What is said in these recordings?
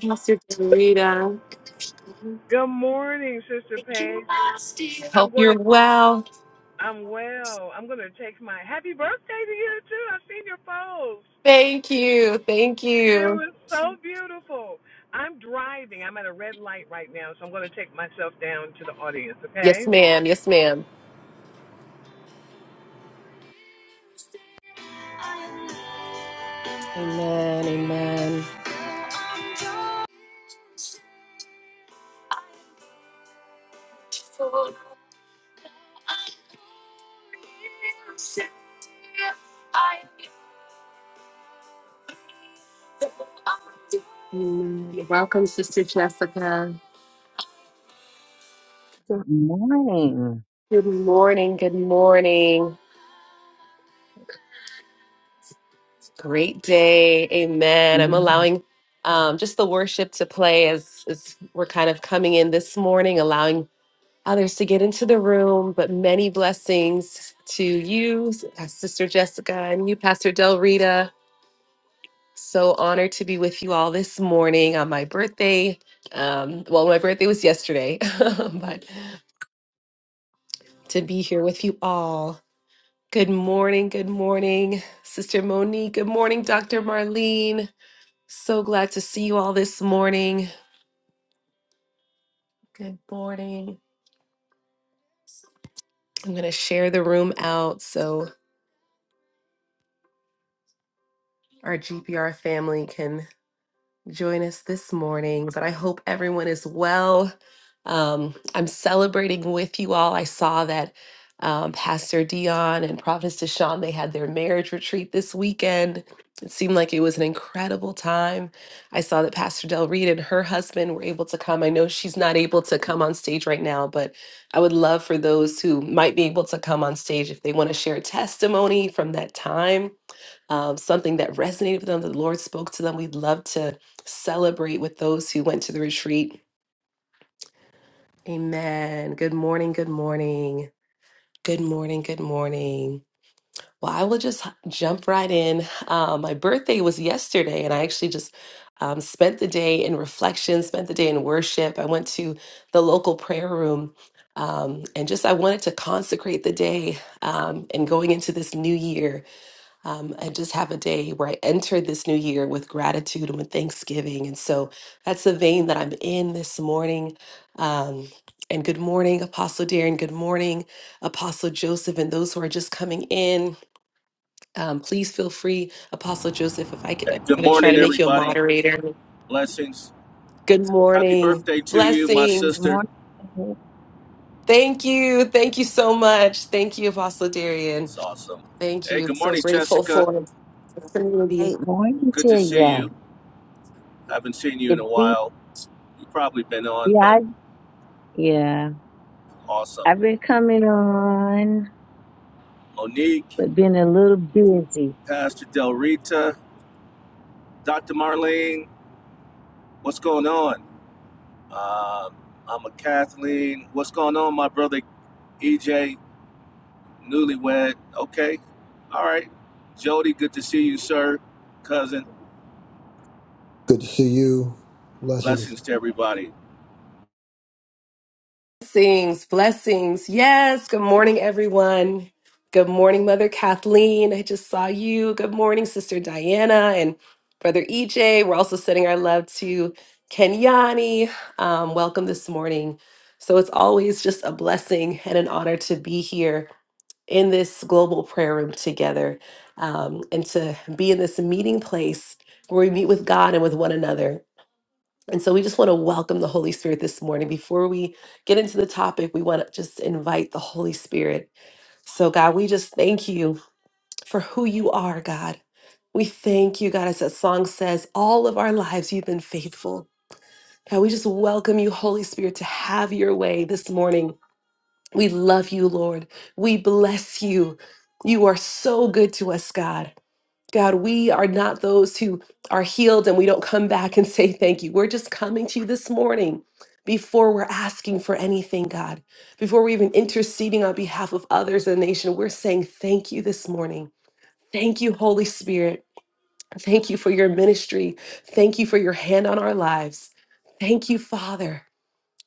Pastor Dorita. Good morning, Sister Paige. I'm Hope gonna you're well. I'm well. I'm gonna take my happy birthday to you too. I've seen your post. Thank you. Thank It you. was so beautiful. I'm driving. I'm at a red light right now, so I'm gonna take myself down to the audience, Yes, okay? ma'am. Yes, ma'am. Amen. Amen. Amen. Welcome, Sister Jessica. Good morning. Good morning. Good morning. great day. Amen. I'm Mm. allowing um, just the worship to play as, as we're kind of coming in this morning, allowing others to get into the room, but many blessings to you, uh, Sister Jessica, and you, Pastor Del Rita. So honored to be with you all this morning on my birthday. Um, well, my birthday was yesterday, but to be here with you all. Good morning, good morning, Sister Monique. Good morning, Dr. Marlene. So glad to see you all this morning. Good morning. I'm going to share the room out so our GPR family can join us this morning, but I hope everyone is well. Um, I'm celebrating with you all. I saw that um, Pastor Dion and Prophet Deshawn they had their marriage retreat this weekend. It seemed like it was an incredible time. I saw that Pastor Del Reed and her husband were able to come. I know she's not able to come on stage right now, but I would love for those who might be able to come on stage if they want to share testimony from that time um, something that resonated with them, the Lord spoke to them. We'd love to celebrate with those who went to the retreat. Amen. Good morning. Good morning. Good morning. Good morning. Well, I will just h- jump right in. Um, my birthday was yesterday, and I actually just um, spent the day in reflection, spent the day in worship. I went to the local prayer room. Um, and just I wanted to consecrate the day um, and going into this new year um, and just have a day where I enter this new year with gratitude and with thanksgiving. And so that's the vein that I'm in this morning. Um, and good morning, Apostle Darren. Good morning, Apostle Joseph, and those who are just coming in. Um, please feel free, Apostle Joseph, if I could, I'm Good going to try morning, to make you a everybody. moderator. Blessings. Good Happy morning, birthday to you, my Good blessings. sister. morning. Thank you. Thank you so much. Thank you, Apostle Darian. It's awesome. Thank Hey, you. good So morning, grateful Jessica. for the community. Great morning Good to to see you. you. Haven't seen you in It a be, while. You've probably been on, yeah, but I- yeah. awesome. I've been coming on, Monique, but been a little busy. Pastor Del Rita, Dr. Marlene, what's going on? Um, I'm a Kathleen. What's going on, my brother EJ, newlywed? Okay. All right. Jody, good to see you, sir. Cousin, Good to see you. Blessings. blessings to everybody. Blessings, blessings. Yes, good morning, everyone. Good morning, Mother Kathleen. I just saw you. Good morning, Sister Diana and Brother EJ. We're also sending our love to Kenyani. Um, welcome this morning. So it's always just a blessing and an honor to be here in this global prayer room together um, and to be in this meeting place where we meet with God and with one another. And so we just want to welcome the Holy Spirit this morning. Before we get into the topic, we want to just invite the Holy Spirit. So, God, we just thank you for who you are, God. We thank you, God, as that song says, all of our lives you've been faithful. God, we just welcome you, Holy Spirit, to have your way this morning. We love you, Lord. We bless you. You are so good to us, God. God, we are not those who are healed and we don't come back and say thank you. We're just coming to you this morning before we're asking for anything, God, before we're even interceding on behalf of others in the nation. We're saying thank you this morning. Thank you, Holy Spirit. Thank you for your ministry. Thank you for your hand on our lives. Thank you, Father.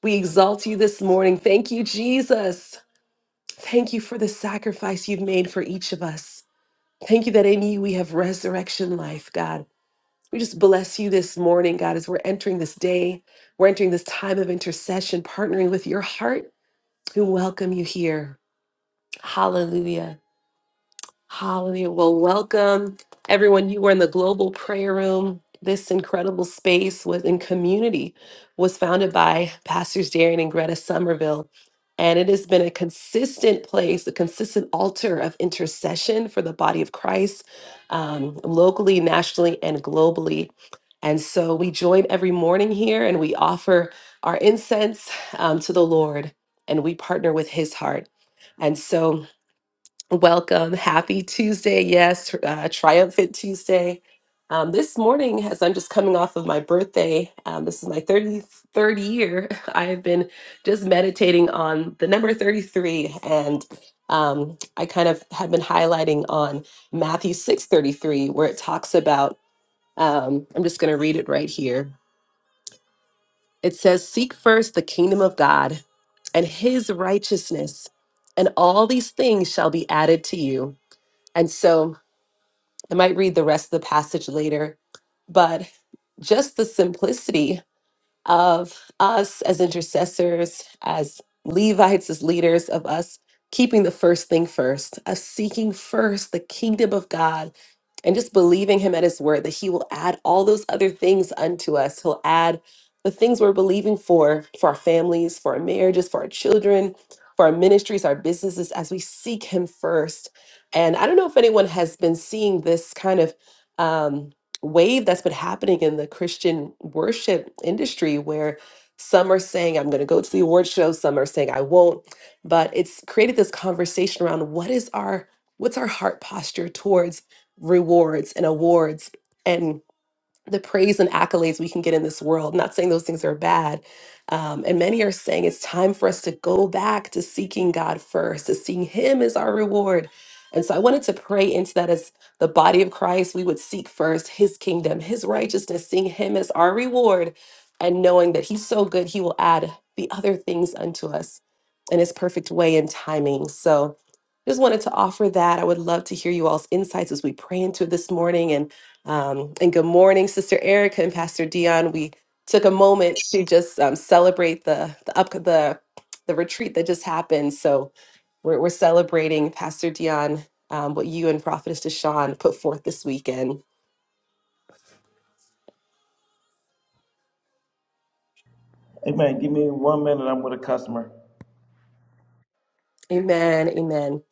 We exalt you this morning. Thank you, Jesus. Thank you for the sacrifice you've made for each of us. Thank you that in you we have resurrection life, God. We just bless you this morning, God, as we're entering this day. We're entering this time of intercession, partnering with your heart who welcome you here. Hallelujah. Hallelujah. Well, welcome everyone. You were in the global prayer room. This incredible space was in community, was founded by Pastors Darian and Greta Somerville. And it has been a consistent place, a consistent altar of intercession for the body of Christ, um, locally, nationally, and globally. And so we join every morning here and we offer our incense um, to the Lord and we partner with his heart. And so Welcome. Happy Tuesday. Yes, uh, triumphant Tuesday. Um, this morning, as I'm just coming off of my birthday, um, this is my 33rd year. I have been just meditating on the number 33, and um, I kind of have been highlighting on Matthew 6:33, where it talks about. Um, I'm just going to read it right here. It says, "Seek first the kingdom of God and His righteousness, and all these things shall be added to you." And so I might read the rest of the passage later, but just the simplicity of us as intercessors, as Levites, as leaders, of us keeping the first thing first, of seeking first the kingdom of God and just believing him at his word that he will add all those other things unto us. He'll add the things we're believing for, for our families, for our marriages, for our children, for our ministries, our businesses, as we seek him first. And I don't know if anyone has been seeing this kind of. Um, wave that's been happening in the Christian worship industry where some are saying, I'm going to go to the award show, some are saying, I won't. But it's created this conversation around what is our what's our heart posture towards rewards and awards and the praise and accolades we can get in this world. Not saying those things are bad. Um, and many are saying it's time for us to go back to seeking God first, to seeing Him as our reward. And so I wanted to pray into that as the body of Christ, we would seek first His kingdom, His righteousness, seeing Him as our reward, and knowing that He's so good, He will add the other things unto us in His perfect way and timing. So just wanted to offer that. I would love to hear you all's insights as we pray into it this morning. and. Um, and good morning, Sister Erica and Pastor Dion. We took a moment to just um, celebrate the the up the the retreat that just happened. So we're, we're celebrating Pastor Dion um, what you and Prophetess Deshawn put forth this weekend. Hey man, give me one minute. I'm with a customer. Amen. Amen.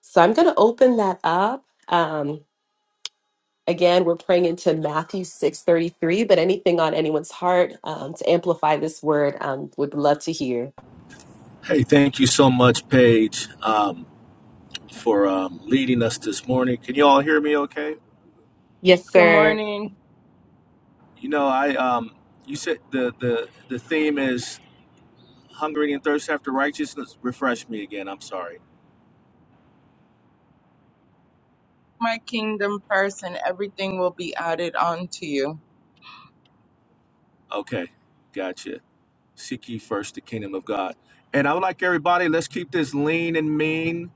So I'm going to open that up. Um, again, we're praying into Matthew 6:33. But anything on anyone's heart um, to amplify this word, um, would love to hear. Hey, thank you so much, Paige, um, for um, leading us this morning. Can you all hear me? Okay. Yes, Good sir. morning. You know, I um, you said the the the theme is hungering and thirst after righteousness. Refresh me again. I'm sorry. My kingdom person, everything will be added on to you. Okay, gotcha. Seek ye first the kingdom of God, and I would like everybody. Let's keep this lean and mean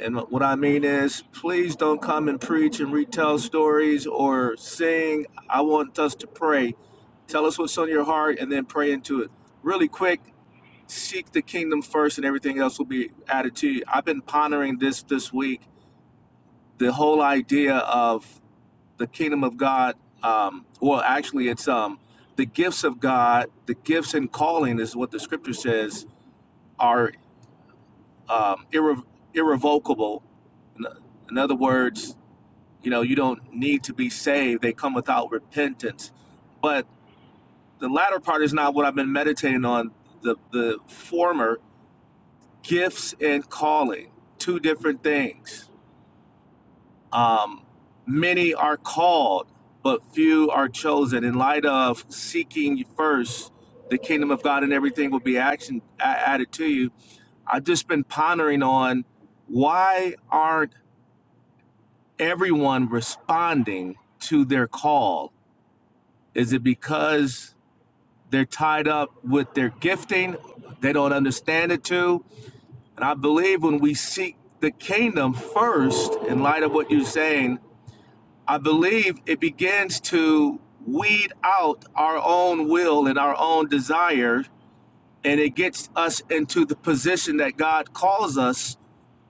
And what I mean is, please don't come and preach and retell stories or sing. I want us to pray. Tell us what's on your heart and then pray into it. Really quick, seek the kingdom first and everything else will be added to you. I've been pondering this this week, the whole idea of the kingdom of God. Um, well, actually, it's um, the gifts of God, the gifts and calling is what the scripture says are um, irre- irrevocable. In in other words, You know, you don't need to be saved. They come without repentance. But the latter part is not what I've been meditating on. The the former gifts and calling, two different things. Um, many are called, but few are chosen. In light of seeking first the kingdom of God, and everything will be action a- added to you. I've just been pondering on why aren't everyone responding to their call Is it because they're tied up with their gifting? They don't understand it too. And I believe when we seek the kingdom first, in light of what you're saying, I believe it begins to weed out our own will and our own desire, and it gets us into the position that God calls us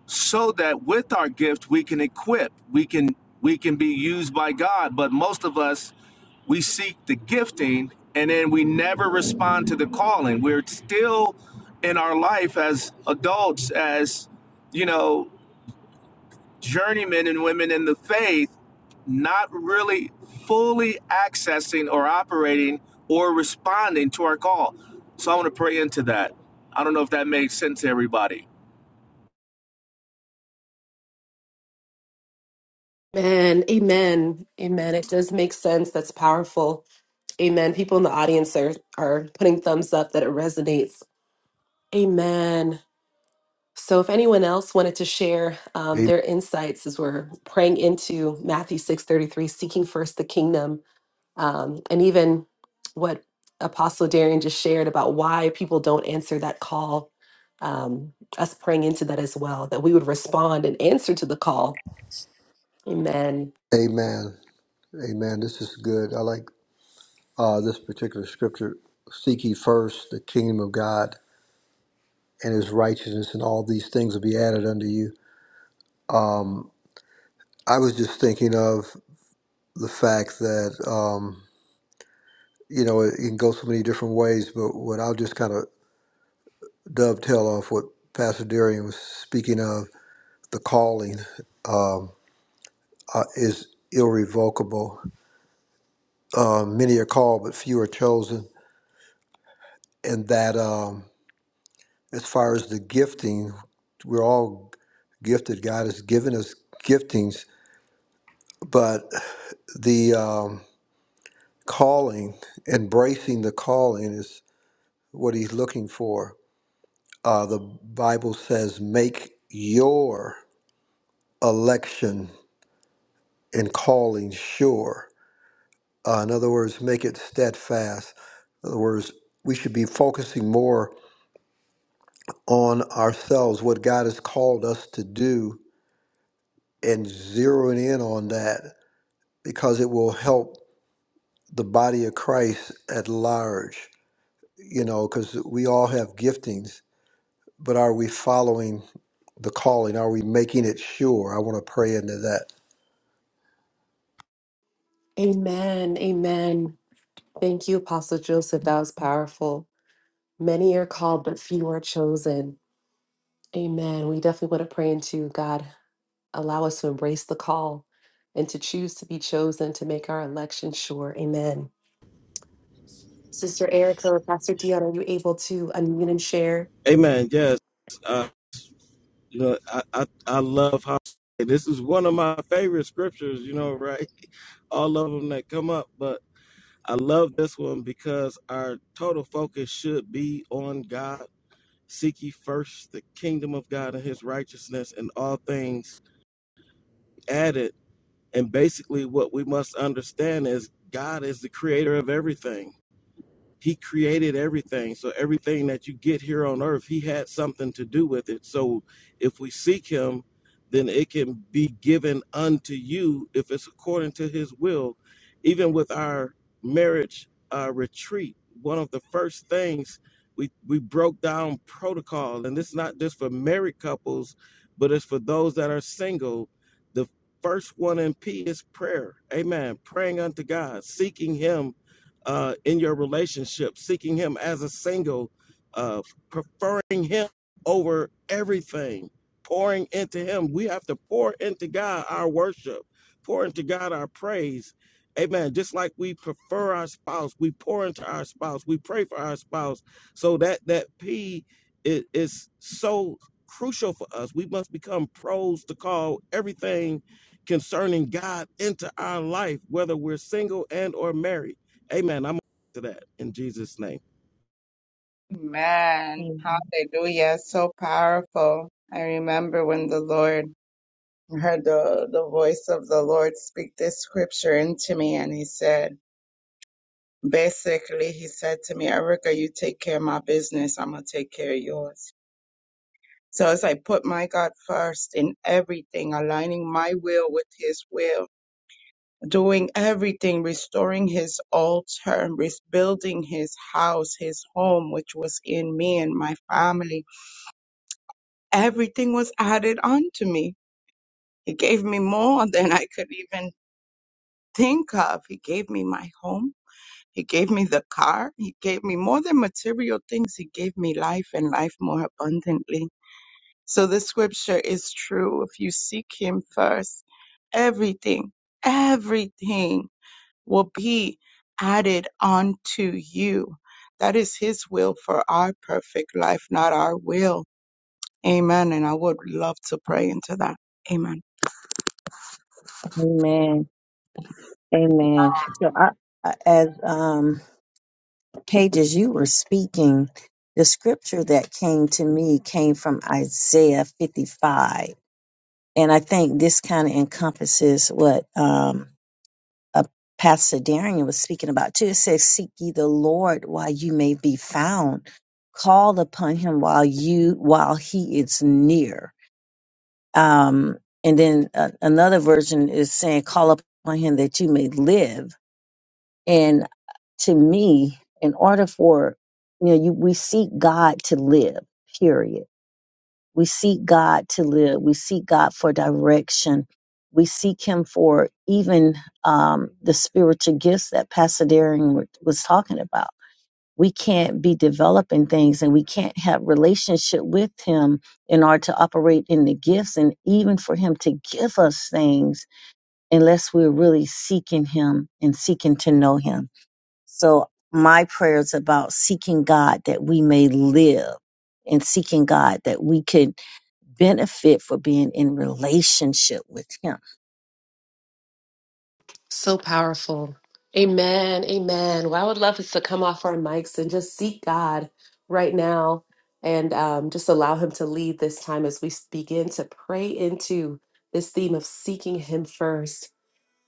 so that with our gift we can equip we can we can be used by god but most of us we seek the gifting and then we never respond to the calling we're still in our life as adults as you know journeymen and women in the faith not really fully accessing or operating or responding to our call so i want to pray into that i don't know if that made sense to everybody Man, amen. Amen. It does make sense. That's powerful. Amen. People in the audience are, are putting thumbs up that it resonates. Amen. So if anyone else wanted to share um, Amen. their insights as we're praying into Matthew 6.33, seeking first the kingdom, um, and even what Apostle Darian just shared about why people don't answer that call, um, us praying into that as well, that we would respond and answer to the call. Amen. Amen. Amen. This is good. I like uh, this particular scripture. Seek ye first the kingdom of God and his righteousness, and all these things will be added unto you. Um, I was just thinking of the fact that, um, you know, it, it can go so many different ways, but what I'll just kind of dovetail off what Pastor Darian was speaking of the calling um, uh, is irrevocable. Uh, many are called, but few are chosen and that um, as far as the gifting, we're all gifted. God has given us giftings, but the um, calling, embracing the calling, is what He's looking for. Uh, the Bible says, "Make your election and calling sure." Uh, in other words, make it steadfast. In other words, we should be focusing more on ourselves, what God has called us to do, and zeroing in on that because it will help the body of Christ at large, you know, because we all have giftings, but are we following the calling? Are we making it sure? I want to pray into that. Amen. Amen. Thank you, Apostle Joseph. That was powerful. Many are called, but few are chosen. Amen. We definitely want to pray into God, allow us to embrace the call and to choose to be chosen to make our election sure. Amen. Sister Erica, Pastor Dion, are you able to unmute and share? Amen. Yes. Uh, you know, I, I, I love how this is one of my favorite scriptures, you know, right? All of them that come up, but I love this one because our total focus should be on God. Seek ye first the kingdom of God and his righteousness and all things added. And basically, what we must understand is God is the creator of everything He created everything. So everything that you get here on earth, he had something to do with it. So if we seek him, then it can be given unto you if it's according to his will. Even with our marriage uh, retreat, one of the first things we, we broke down protocol, and this is not just for married couples, but it's for those that are single. The first one in P is prayer. Amen. Praying unto God, seeking him uh, in your relationship, seeking Him as a single, uh, preferring Him over everything, pouring into Him. We have to pour into God our worship, pour into God our praise. Amen. Just like we prefer our spouse, we pour into our spouse, we pray for our spouse. So that that P is, is so crucial for us. We must become pros to call everything concerning God into our life, whether we're single and or married Amen. I'm to that in Jesus' name. Man, Amen. Hallelujah. So powerful. I remember when the Lord I heard the, the voice of the Lord speak this scripture into me and he said, basically, he said to me, Erica, you take care of my business. I'm going to take care of yours. So as I put my God first in everything, aligning my will with his will, doing everything, restoring his altar, rebuilding his house, his home, which was in me and my family. Everything was added onto me. He gave me more than I could even think of. He gave me my home. He gave me the car. He gave me more than material things. He gave me life and life more abundantly. So the scripture is true. If you seek him first, everything, everything will be added unto you. That is His will for our perfect life, not our will. Amen. And I would love to pray into that. Amen. Amen. Amen. So, I, I- as um, Paige, as you were speaking, the scripture that came to me came from Isaiah 55. And I think this kind of encompasses what um, uh, Pastor Darian was speaking about too. It says, "Seek ye the Lord while you may be found; call upon Him while you while He is near." Um, and then uh, another version is saying, "Call upon Him that you may live." And to me, in order for you know, you, we seek God to live. Period we seek God to live. We seek God for direction. We seek Him for even um, the spiritual gifts that Pastor Daring wa- was talking about. We can't be developing things and we can't have relationship with Him in order to operate in the gifts and even for Him to give us things unless we're really seeking Him and seeking to know Him. So my prayer is about seeking God that we may live and seeking God that we could benefit for being in relationship with him. So powerful. Amen. Amen. Well, I would love us to come off our mics and just seek God right now and um, just allow Him to lead this time as we s- begin to pray into this theme of seeking Him first.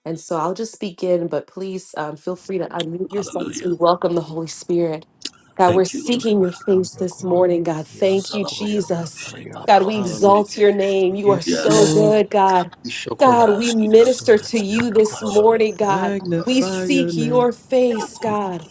And so I'll just begin, but please um, feel free to unmute yourself as we welcome the Holy Spirit. God, we're seeking your face this morning. God, thank you, Jesus. God, we Hallelujah. exalt your name. We You are give you so good, glory. God. God, we minister to you this morning, God. We Magnify your seek name. your face, God.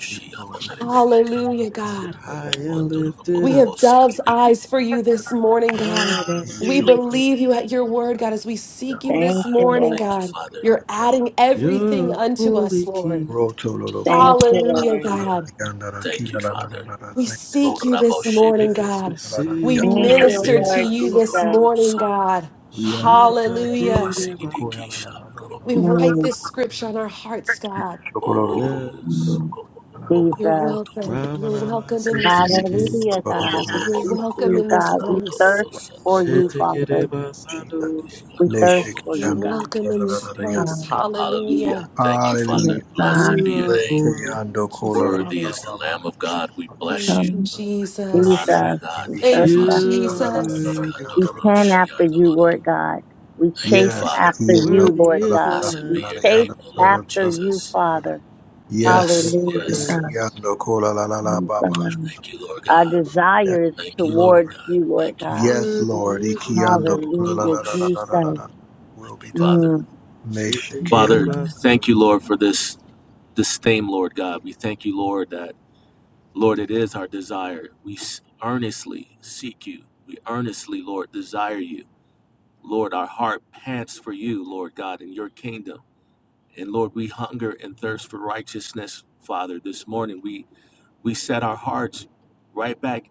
Hallelujah, Yes, you're God. high and lifted We up. have dove's eyes for you this morning, God. Rabbi We see the king. believe you at your word, God, as we seek you this Thank you, morning, Lord. God. You're adding everything You're a unto us, holy king. Lord. Roto Lolo Ki Thank you, Hallelujah, Lord. God. Rianda Raki La La La La La We seek Thank you this morning, Yes, we God. you Lord La We La seek Thank your you, minister to Lord you face. this Jesus. morning, God. La La Rianda La La La La Hallelujah. La La Shatakiriba. Ko Ya La La La Ba Ba We write Mm, this scripture on our Ba hearts, God. Shoko Lolo Yes. Lolo mm, Ko La La La La You're Jesus. welcome. You're Ramanama welcome in this Ki Sitiki. place. Hallelujah, Lolo God. We You're Lolo seek welcome you, in Rianda Raki La La this God. La La We place. thirst Ba Ba for Ba Ba you, Father. Shatakiriba Shika Sados. We thirst Neshe Ki for You're you, Yando God. Ko La welcome in La this La La La place. Yando Um, Lolo Hallelujah. Ko Hallelujah yes, God. You are Ki holy. Yando Thank you, Ko La La La Father. La Ba Ba Ba Ba Ba Thank you, Um, Shika Bless your Jesus. Jesus. name We Be Shoko thirst Thank you, after La You you, La are La God. La La Jesus. La worthy. We Yando pan after you, Lord God. We chase Yes, after Ikiano, you, Worthy Lord la, la, is the God. la, Lamb. We la, la, chase yano, lo, lo, after lo, lo, you, lo, lo. Father. yes, Lord, Hallelujah, God. Yes. Ikiando, kola la la la Yes, baba. God. Our Yes, desire is towards Lord, you, Lord God. yes, Worthy Lord, is the Ikiando, Lamb. la la Hallelujah, la la la Jesus. la la la. la. Will be done. Mm, Shit to get Meshakia. it by God. some- And Lord, we hunger and thirst for righteousness, Father. This morning we we set our hearts right back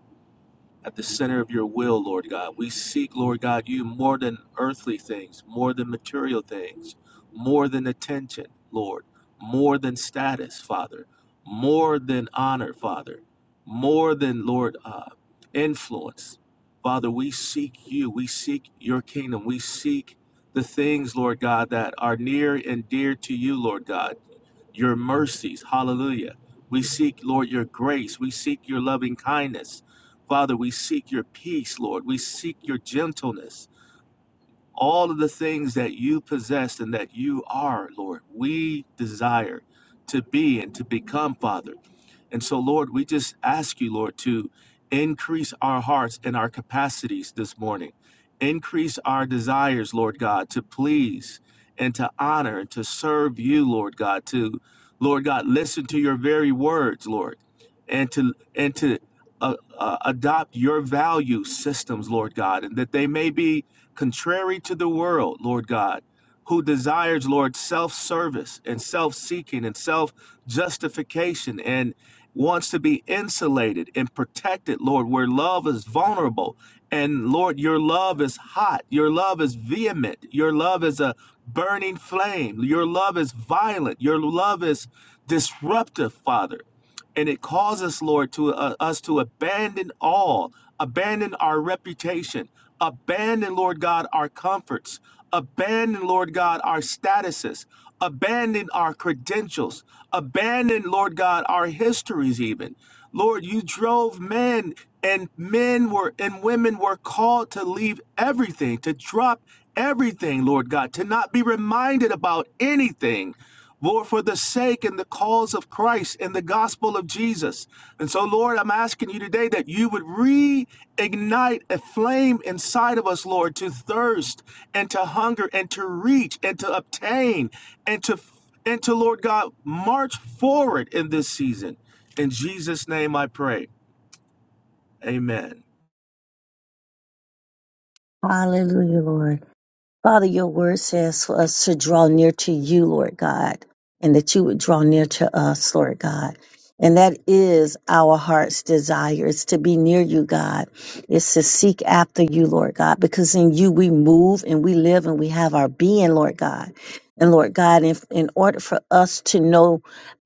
at the center of your will, Lord God. We seek, Lord God, you more than earthly things, more than material things, more than attention, Lord, more than status, Father, more than honor, Father, more than, Lord, uh, influence. Father, we seek you. We seek your kingdom. We seek the things, Lord God, that are near and dear to you, Lord God your mercies. Hallelujah. We seek, Lord, your grace. We seek your loving kindness. Father, we seek your peace, Lord. We seek your gentleness all of the things that you possess and that you are, Lord. We desire to be and to become, Father. And so, Lord, we just ask you, Lord, to increase our hearts and our capacities this morning. Increase our desires, Lord God, to please and to honor and to serve you, Lord God, to, Lord God, listen to your very words, Lord, and to, and to, uh, uh, adopt your value systems, Lord God, and that they may be contrary to the world, Lord God, who desires, Lord, self service and self seeking and self justification and wants to be insulated and protected, Lord, where love is vulnerable. And Lord, your love is hot. Your love is vehement. Your love is a burning flame. Your love is violent. Your love is disruptive, Father. And it causes, Lord, to uh, us to abandon all, abandon our reputation, abandon, Lord God, our comforts, abandon, Lord God, our statuses, abandon our credentials, abandon, Lord God, our histories, even. Lord, you drove men, and men were and women were called to leave everything, to drop everything, Lord God, to not be reminded about anything. Lord, for the sake and the cause of Christ and the gospel of Jesus. And so, Lord, I'm asking you today that you would reignite a flame inside of us, Lord, to thirst and to hunger and to reach and to obtain and to and to Lord God march forward in this season. In Jesus' name I pray. Amen. Hallelujah, Lord. Father, your word says for us to draw near to you, Lord God, and that you would draw near to us, Lord God. And that is our heart's desire is to be near you, God. It's to seek after you, Lord God, because in you we move and we live and we have our being, Lord God. And Lord God, if, in order for us to know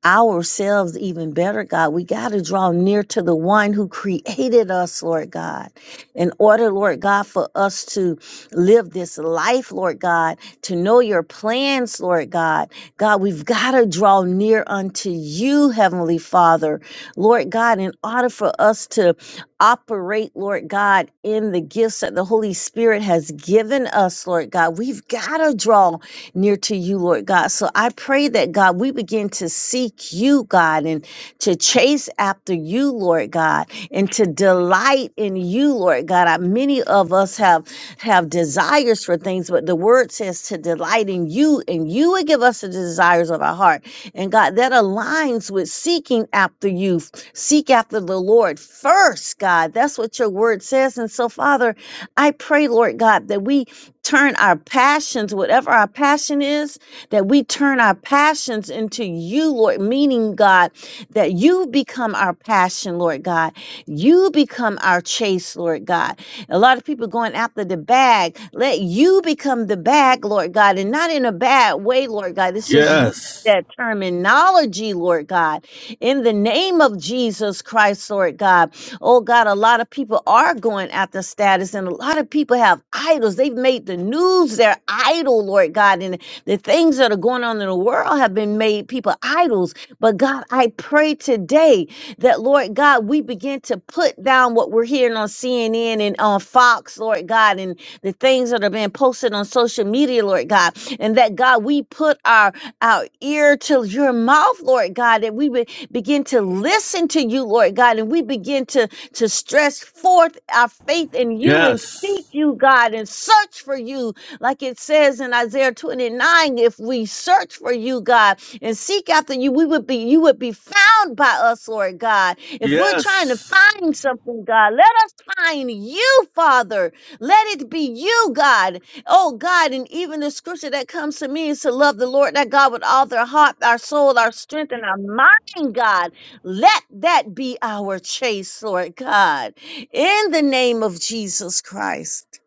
ourselves even better, God, we got to draw near to the one who created us, Lord God. In order, Lord God, for us to live this life, Lord God, to know your plans, Lord God. God, we've got to draw near unto you, Heavenly Father, Lord God, in order for us to operate, Lord God, in the gifts that the Holy Spirit has given us, Lord God. We've got to draw near to you, Lord God. So I pray that, God, we begin to seek you, God, and to chase after you, Lord God, and to delight in you, Lord God. Uh, Many of us have have desires for things, but the word says to delight in you, and you would give us the desires of our heart. And God, that aligns with seeking after you. Seek after the Lord first, God. That's what your word says. And so, Father, I pray, Lord God, that we turn our passions, whatever our passion is, that we turn our passions into you, Lord, meaning, God, that you become our passion, Lord God. You become our chase, Lord God a lot of people going after the bag. Let you become the bag, Lord God, and not in a bad way, Lord God. It's just you. Yes. That terminology, Lord God, in the name of Jesus Christ, Lord God. Oh God, a lot of people are going after status, and a lot of people have idols. They've made the news their idol, Lord God, and the things that are going on in the world have been made people idols. But God, I pray today that Lord God, we begin to put down what we're hearing on CNN and on Fox, Lord God, and the things that are being posted on social media, Lord God, and that God, we put our our ear to your mouth, Lord God, that we would begin to listen to you, Lord God, and we begin to to stress forth our faith in you and seek Yes. you, God, and search for you, like it says in Isaiah 29. If we search for you, God, and seek after you we would be you would be found by us lord god if we're trying to Yes. find something god let us find you father let it be you god oh god and even the scripture that comes to me is to love the lord that god with all their heart our soul our strength and our mind god let that be our chase lord god in the name of jesus christ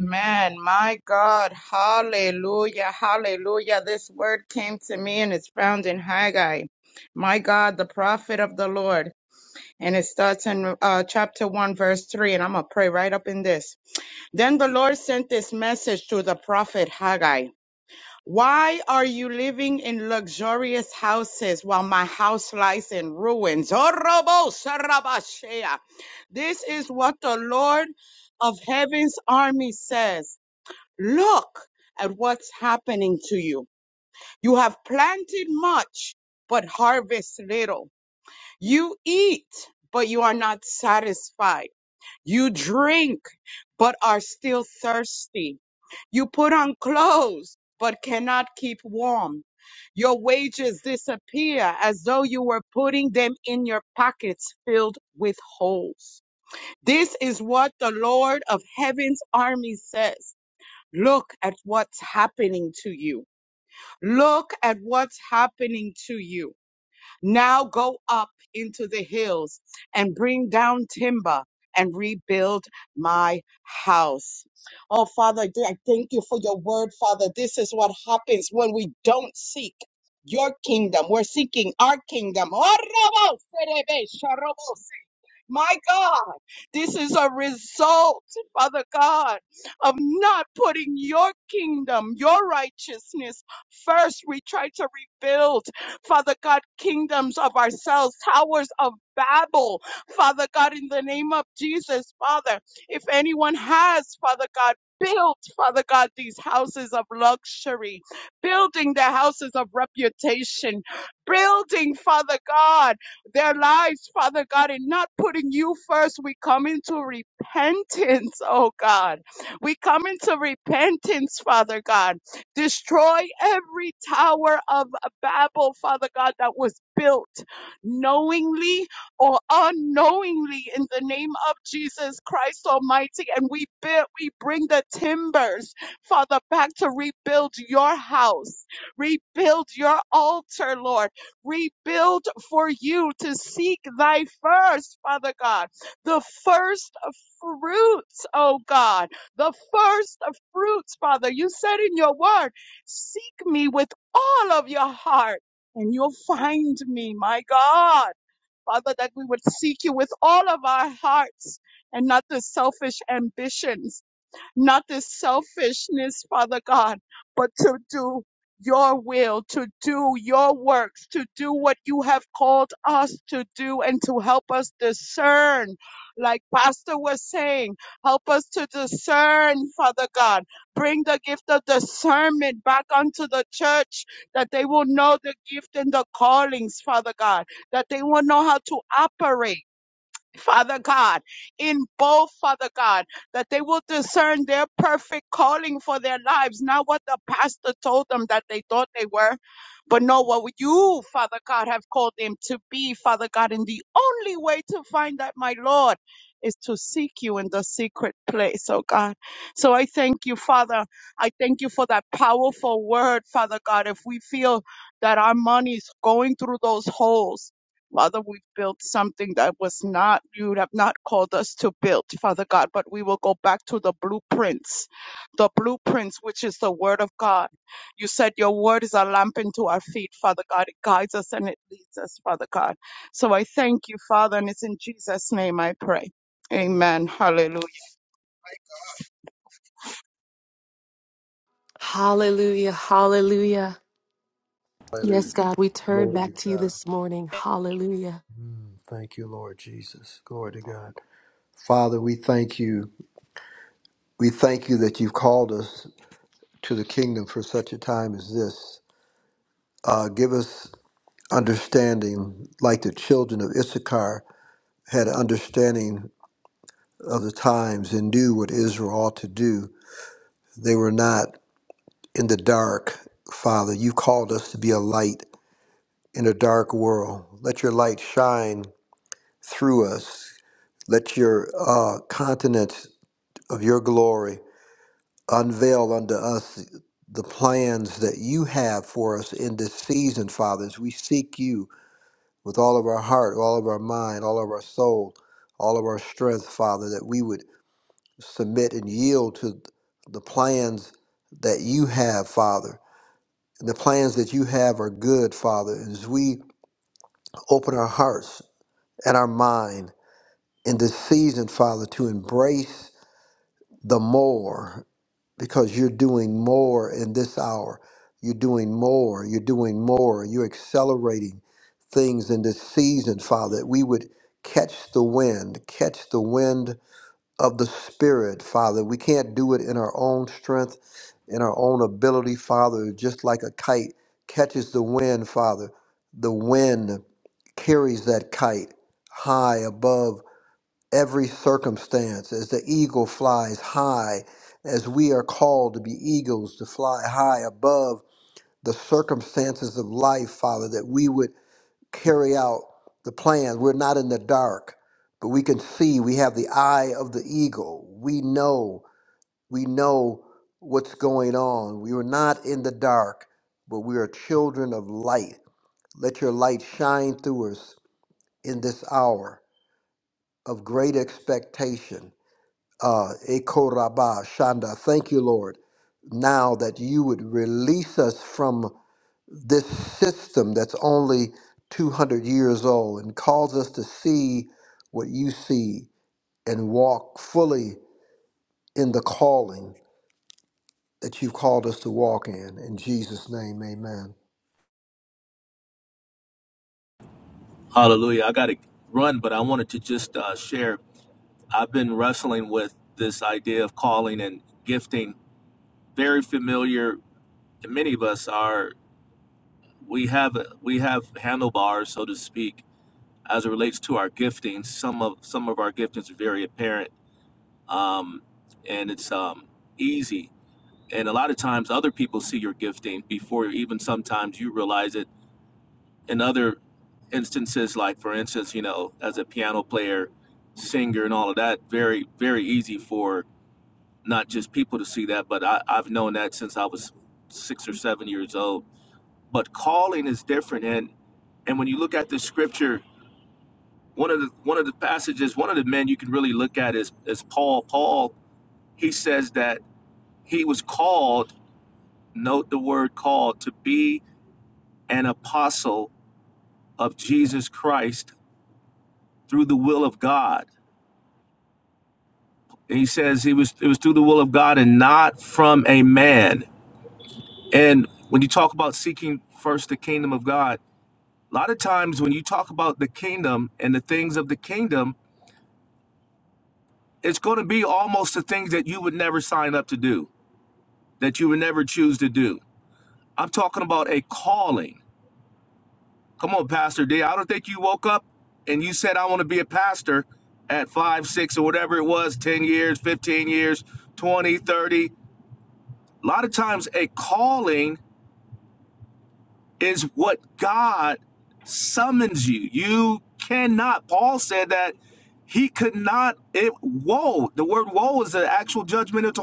Man, my God, hallelujah, hallelujah. This word came to me and it's found in Haggai, my God, the prophet of the Lord. And it starts in uh, chapter 1, verse 3. And I'm going to pray right up in this. Then the Lord sent this message to the prophet Haggai Why are you living in luxurious houses while my house lies in ruins? Orobo Sarabashea. This is what the Lord of heaven's army says. Look at what's happening to you. You have planted much, but harvest little. You eat, but you are not satisfied. You drink, but are still thirsty. You put on clothes, but cannot keep warm. Your wages disappear as though you were putting them in your pockets filled with holes. This is what the Lord of heaven's army says. Look at what's happening to you. Look at what's happening to you. Now go up into the hills and bring down timber and rebuild my house. Oh, Father, I I thank you for your word, Father. This is what happens when we don't seek your kingdom. We're seeking our kingdom. My God, this is a result, Father God, of not putting your kingdom, your righteousness first. We try to rebuild, Father God, kingdoms of ourselves, towers of Babel, Father God, in the name of Jesus, Father. If anyone has, Father God, built, Father God, these houses of luxury, building the houses of reputation, building, Father God their lives, Father God, in not putting you first. We come into repentance, oh God. We come into repentance, Father God. Destroy every tower of Babel, Father God, that was built knowingly or unknowingly in the name of Jesus Christ Almighty. And we build, we bring the timbers, Father, back to rebuild your house, rebuild your altar, Lord rebuild for you to seek thy first, Father God, the first fruits, oh God, the first fruits, Father. You said in your word, seek me with all of your heart and you'll find me, my God. Father, that we would seek you with all of our hearts and not the selfish ambitions not this selfishness, Father God, but to do your will, to do your works, to do what you have called us to do and to help us discern. Like Pastor was saying, help us to discern, Father God. Bring the gift of discernment back onto the church that they will know the gift and the callings, Father God, that they will know how to operate Father God, in both, Father God, that they will discern their perfect calling for their lives, not what the pastor told them that they thought they were, but know what you, Father God, have called them to be, Father God. And the only way to find that, my Lord, is to seek you in the secret place, oh God. So I thank you, Father. I thank you for that powerful word, Father God. If we feel that our money is going through those holes, Father, we've built something that was not, you have not called us to build, Father God, but we will go back to the blueprints, the blueprints, which is the word of God. You said your word is a lamp into our feet, Father God. It guides us and it leads us, Father God. So I thank you, Father, and it's in Jesus' name I pray. Amen. Hallelujah. Hallelujah. Hallelujah. Yes, Hallelujah. God, we turn Glory to back to you God. this morning. Hallelujah. Mm, thank you, Lord Jesus. Glory to God. Father, we thank you. We thank you that you've called us to the kingdom for such a time as this. Uh, give us understanding, like the children of Issachar had understanding of the times and knew what Israel ought to do. They were not in the dark, Father. You called us to be a light in a dark world. Let your light shine through us. Let your uh, continents of your glory unveil unto us the plans that you have for us in this season, Father, as we seek you with all of our heart, all of our mind, all of our soul, all of our strength, Father, that we would submit and yield to the plans that you have, Father. And the plans that you have are good, Father. As we open our hearts and our mind in this season, Father, to embrace the more. because you're doing more in this hour. You're doing more. You're doing more. You're accelerating things in this season, Father, that we would catch the wind, catch the wind of the Spirit, Father. We can't do it in our own strength, in our own ability, Father, just like a kite catches the wind, Father. The wind carries that kite high above every circumstance as the eagle flies high, as we are called to be eagles to fly high above the circumstances of life, Father, that we would carry out the plan. We're not in the dark, but we can see, we have the eye of the eagle. We know, we know what's going on. We are not in the dark, but we are children of light. Let your light shine through us in this hour of great expectation uh, Eko Rabba Shanda, thank you, Lord, now that you would release us from this system that's only 200 years old and cause us to see what you see and walk fully in the calling that you've called us to walk in. In Jesus' name, amen. Hallelujah. I got to run, but I wanted to just uh, share. I've been wrestling with this idea of calling and gifting. Very familiar to many of us are we have we have handlebars, so to speak, as it relates to our gifting. Some of some of our giftings are very apparent, um, and it's um, easy. And a lot of times, other people see your gifting before even sometimes you realize it. In other instances, like for instance, you know, as a piano player, singer, and all of that, very very easy for not just people to see that, but I, I've known that since I was six or seven years old. But calling is different, and and when you look at the scripture, one of the one of the passages, one of the men you can really look at is is Paul. Paul he says that he was called. Note the word called to be an apostle of Jesus Christ through the will of God. And he says he was it was through the will of God and not from a man. And when you talk about seeking first the kingdom of God, A lot of times when you talk about the kingdom and the things of the kingdom, it's going to be almost the things that you would never sign up to do, that you would never choose to do. I'm talking about a calling. Come on, Pastor D. I don't think you woke up and you said, I want to be a pastor at five, six, or whatever it was 10 years, 15 years, 20, 30. A lot of times, a calling is what God summons you. You cannot. Paul said that he could not. It woe. The word woe is an actual judgmental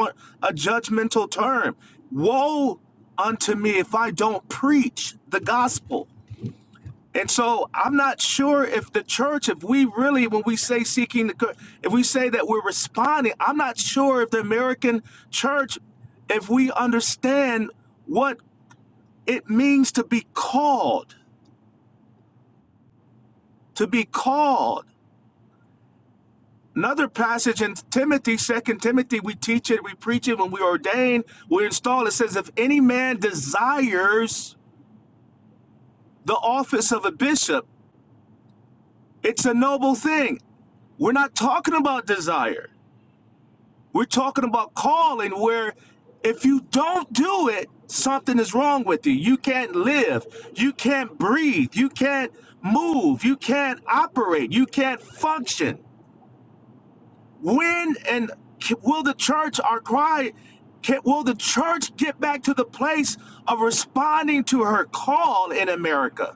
a judgmental term. Woe unto me if I don't preach the gospel. And so I'm not sure if the church, if we really, when we say seeking the, if we say that we're responding, I'm not sure if the American church, if we understand what it means to be called. to be called. Another passage in Timothy, Second Timothy, we teach it, we preach it when we ordain, we install. It says, if any man desires the office of a bishop, it's a noble thing. We're not talking about desire. We're talking about calling, where if you don't do it, something is wrong with you. You can't live. You can't breathe. You can't move. You can't operate. You can't function when and will the church our cry can, will the church get back to the place of responding to her call in america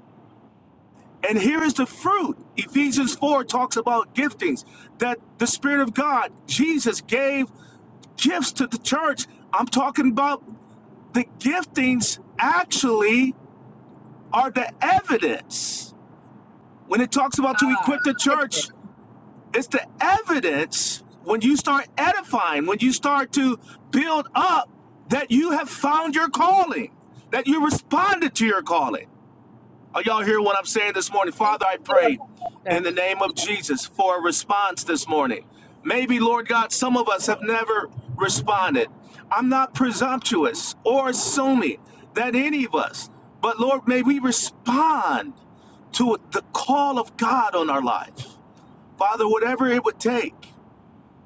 and here is the fruit ephesians 4 talks about giftings that the spirit of god jesus gave gifts to the church i'm talking about the giftings actually are the evidence when it talks about to equip the church It's the evidence when you start edifying, when you start to build up that you have found your calling, that you responded to your calling. Are y'all hearing what I'm saying this morning? Father, I pray in the name of Jesus for a response this morning. Maybe, Lord God, some of us have never responded. I'm not presumptuous or assuming that any of us, but Lord, may we respond to the call of God on our life. Father, whatever it would take,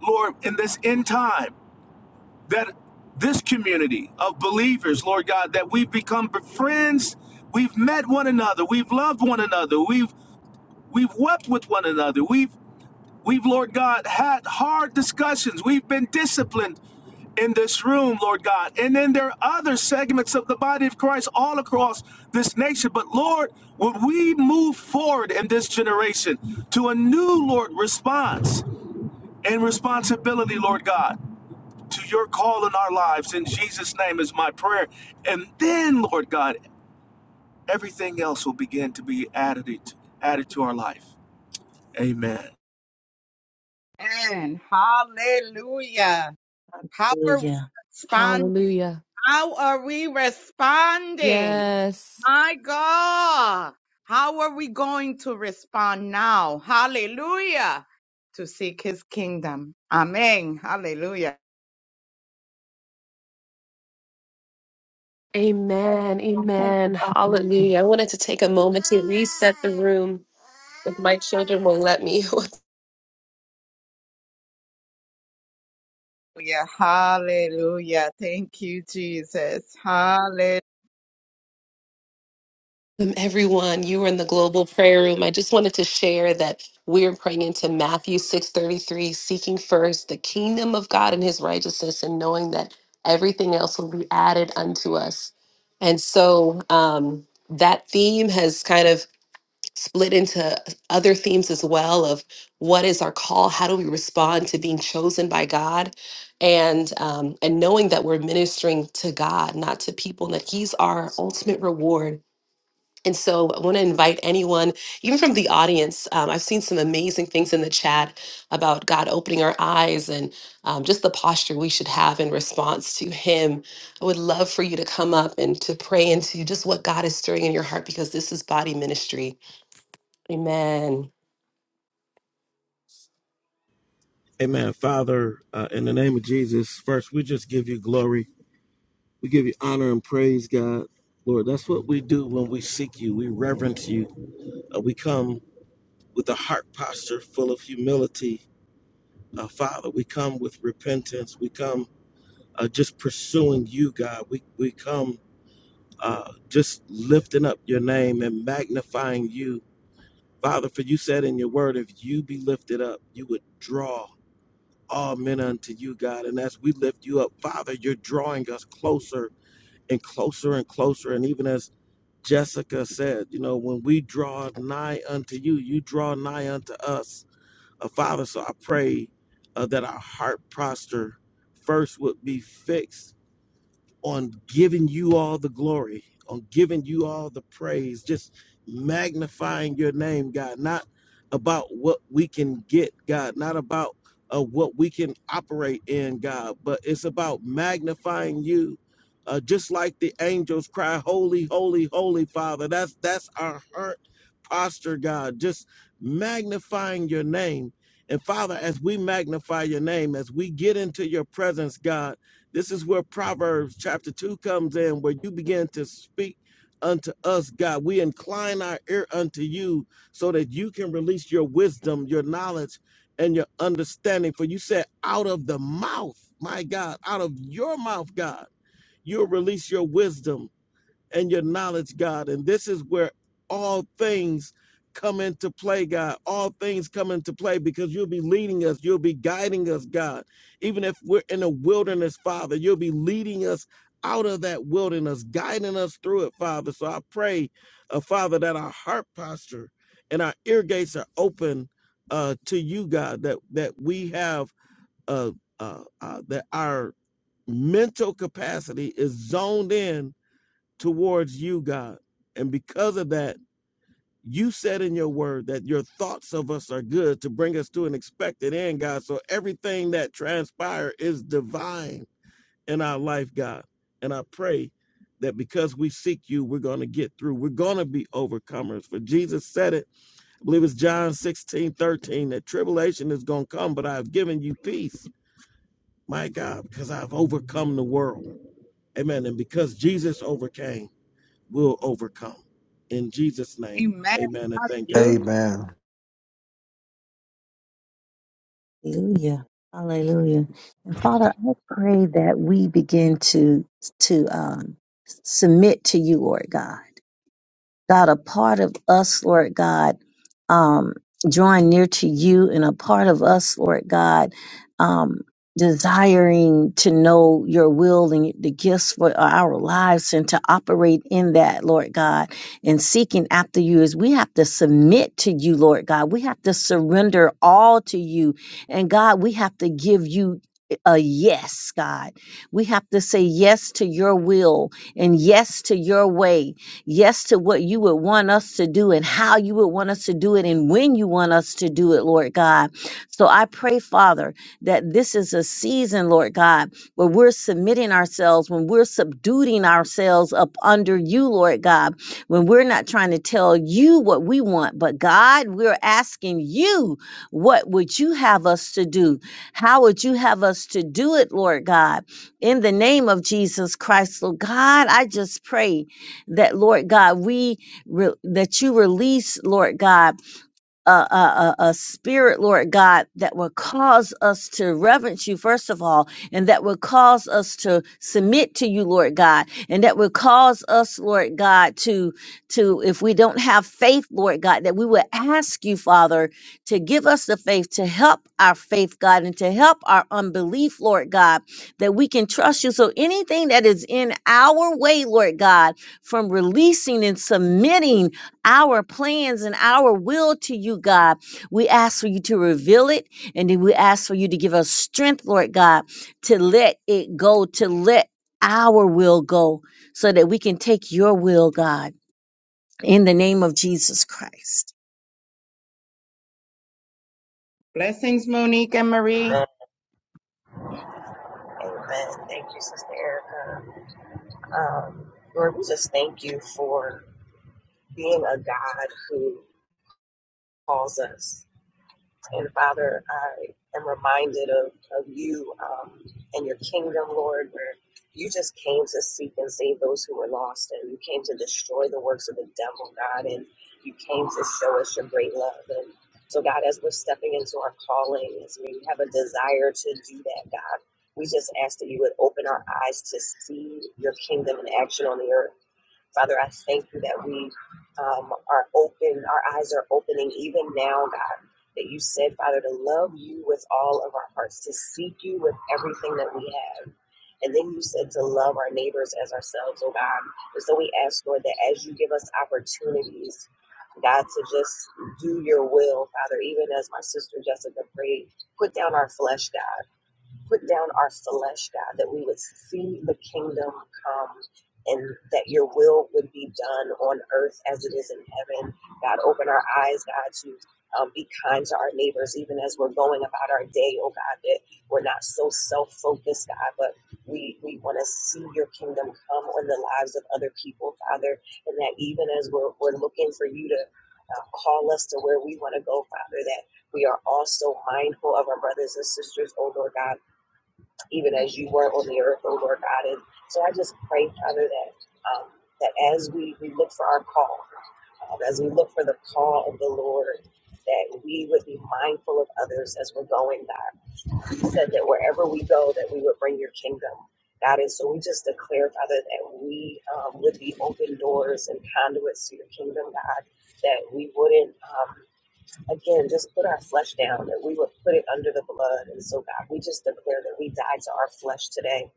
Lord, in this end time, that this community of believers, Lord God, that we've become friends, we've met one another, we've loved one another, we've we've wept with one another, we've we've, Lord God, had hard discussions, we've been disciplined in this room, Lord God. And then there are other segments of the body of Christ all across this nation. But Lord, would we move forward in this generation to a new, Lord, response? and responsibility, Lord God, to your call in our lives. In Jesus' name is my prayer. And then, Lord God, everything else will begin to be added, added to our life. Amen. And hallelujah. How are we hallelujah responding? Hallelujah. How are we responding? Yes. My God, how are we going to respond now? Hallelujah. To seek his kingdom. Amen. Hallelujah. Amen. Amen. Hallelujah. I wanted to take a moment to reset the room if my children will let me. Hallelujah. Hallelujah. Thank you, Jesus. Hallelujah. Welcome, everyone. You are in the global prayer room. I just wanted to share that we're praying into Matthew 6:33, seeking first the kingdom of God and his righteousness, and knowing that everything else will be added unto us. And so um, that theme has kind of split into other themes as well of what is our call? How do we respond to being chosen by God? And um, and knowing that we're ministering to God, not to people, and that He's our ultimate reward and so I want to invite anyone, even from the audience. Um, I've seen some amazing things in the chat about God opening our eyes and um, just the posture we should have in response to Him. I would love for you to come up and to pray into just what God is stirring in your heart because this is body ministry. Amen. Amen. Father, uh, in the name of Jesus, first, we just give you glory. We give you honor and praise, God. Lord, that's what we do when we seek you. We reverence you. Uh, we come with a heart posture full of humility. Uh, Father, we come with repentance. We come uh, just pursuing you, God. We, we come uh, just lifting up your name and magnifying you Father, for you said in your word, if you be lifted up, you would draw all men unto you, God. And as we lift you up, Father, you're drawing us closer and closer and closer. And even as Jessica said, you know, when we draw nigh unto you, you draw nigh unto us. Uh, Father, so I pray uh, that our heart posture first would be fixed on giving you all the glory, on giving you all the praise, just magnifying your name, God, not about what we can get, God, not about uh, what we can operate in, God, but it's about magnifying you. Uh, just like the angels cry, holy, holy, holy, Father. That's that's our heart posture, God. Just magnifying your name, and Father, as we magnify your name, as we get into your presence, God. This is where Proverbs chapter 2 comes in, where you begin to speak unto us, God. We incline our ear unto you so that you can release your wisdom, your knowledge, and your understanding. For you said, out of the mouth, my God, out of your mouth, God, you'll release your wisdom and your knowledge, God. And this is where all things come into play, God. All things come into play because you'll be leading us, you'll be guiding us, God. Even if we're in a wilderness, Father, you'll be leading us out of that wilderness, guiding us through it, Father. So I pray, uh, Father, that our heart posture and our ear gates are open uh, to you, God, that that we have uh, uh, uh, that our mental capacity is zoned in towards you, God. And because of that, you said in your word that your thoughts of us are good to bring us to an expected end, God. So everything that transpires is divine in our life, God. And I pray that because we seek you, we're going to get through. We're going to be overcomers. For Jesus said it, I believe it's John 16 13 that tribulation is going to come, but I've given you peace, my God, because I've overcome the world. Amen. And because Jesus overcame, will overcome. In Jesus' name, Amen. amen and thank Hallelujah. God. Amen. Hallelujah. Hallelujah. And Father, I pray that we begin to to um, submit to you, Lord God. God, a part of us, Lord God, um, drawing near to you and a part of us, Lord God, um, desiring to know your will and the gifts for our lives and to operate in that, Lord God, and seeking after you is we have to submit to you, Lord God. We have to surrender all to you. And God, we have to give you a yes, God. We have to say yes to your will and yes to your way yes to what you would want us to do and how you would want us to do it and when you want us to do it, Lord God. So I pray, Father, that this is a season, Lord God, where we're submitting ourselves, when we're subduing ourselves up under you, Lord God, when we're not trying to tell you what we want, but God, we're asking you, what would you have us to do? How would you have us to do it, Lord God? In the name of Jesus Christ, Lord God, I just pray that Lord God, we re- that you release, Lord God a, a, a a spirit, Lord God, that will cause us to reverence you, first of all, and that will cause us to submit to you, Lord God, and that will cause us, Lord God, to, to, if we don't have faith, Lord God, that we will ask you, Father, to give us the faith to help our faith, God, and to help our unbelief, Lord God, that we can trust you. So anything that is in our way, Lord God, from releasing and submitting our plans and our will to you, God. We ask for you to reveal it, and then we ask for you to give us strength, Lord God, to let it go, to let our will go, so that we can take your will, God, in the name of Jesus Christ. Blessings, Monique and Marie. Amen. Amen. Thank you, Sister Erica. Um, Lord, we just thank you for being a God who calls us. And Father, I am reminded of, of you um, and your kingdom, Lord, where you just came to seek and save those who were lost, and you came to destroy the works of the devil, God, and you came to show us your great love. And so, God, as we're stepping into our calling, as we have a desire to do that, God, we just ask that you would open our eyes to see your kingdom in action on the earth Father, I thank you that we um, are open, our eyes are opening even now, God, that you said, Father, to love you with all of our hearts, to seek you with everything that we have. And then you said to love our neighbors as ourselves, oh God. And so we ask, Lord, that as you give us opportunities, God, to just do your will, Father, even as my sister Jessica prayed, put down our flesh, God put down our flesh, God, that we would see the kingdom come and that your will would be done on earth as it is in heaven. God, open our eyes, God, to um, be kind to our neighbors, even as we're going about our day, oh God, that we're not so self focused, God, but we, we want to see your kingdom come on the lives of other people, Father, and that even as we're, we're looking for you to uh, call us to where we want to go, Father, that we are also mindful of our brothers and sisters, oh Lord God even as you were on the earth, O Lord God. And so I just pray, Father, that um, that as we, we look for our call, um, as we look for the call of the Lord, that we would be mindful of others as we're going, God. You said that wherever we go, that we would bring your kingdom. God, and so we just declare, Father, that we um, would be open doors and conduits to your kingdom, God, that we wouldn't um, again, just put our flesh down, that we would put it under the blood. And so, God, we just declare that we die to our flesh today.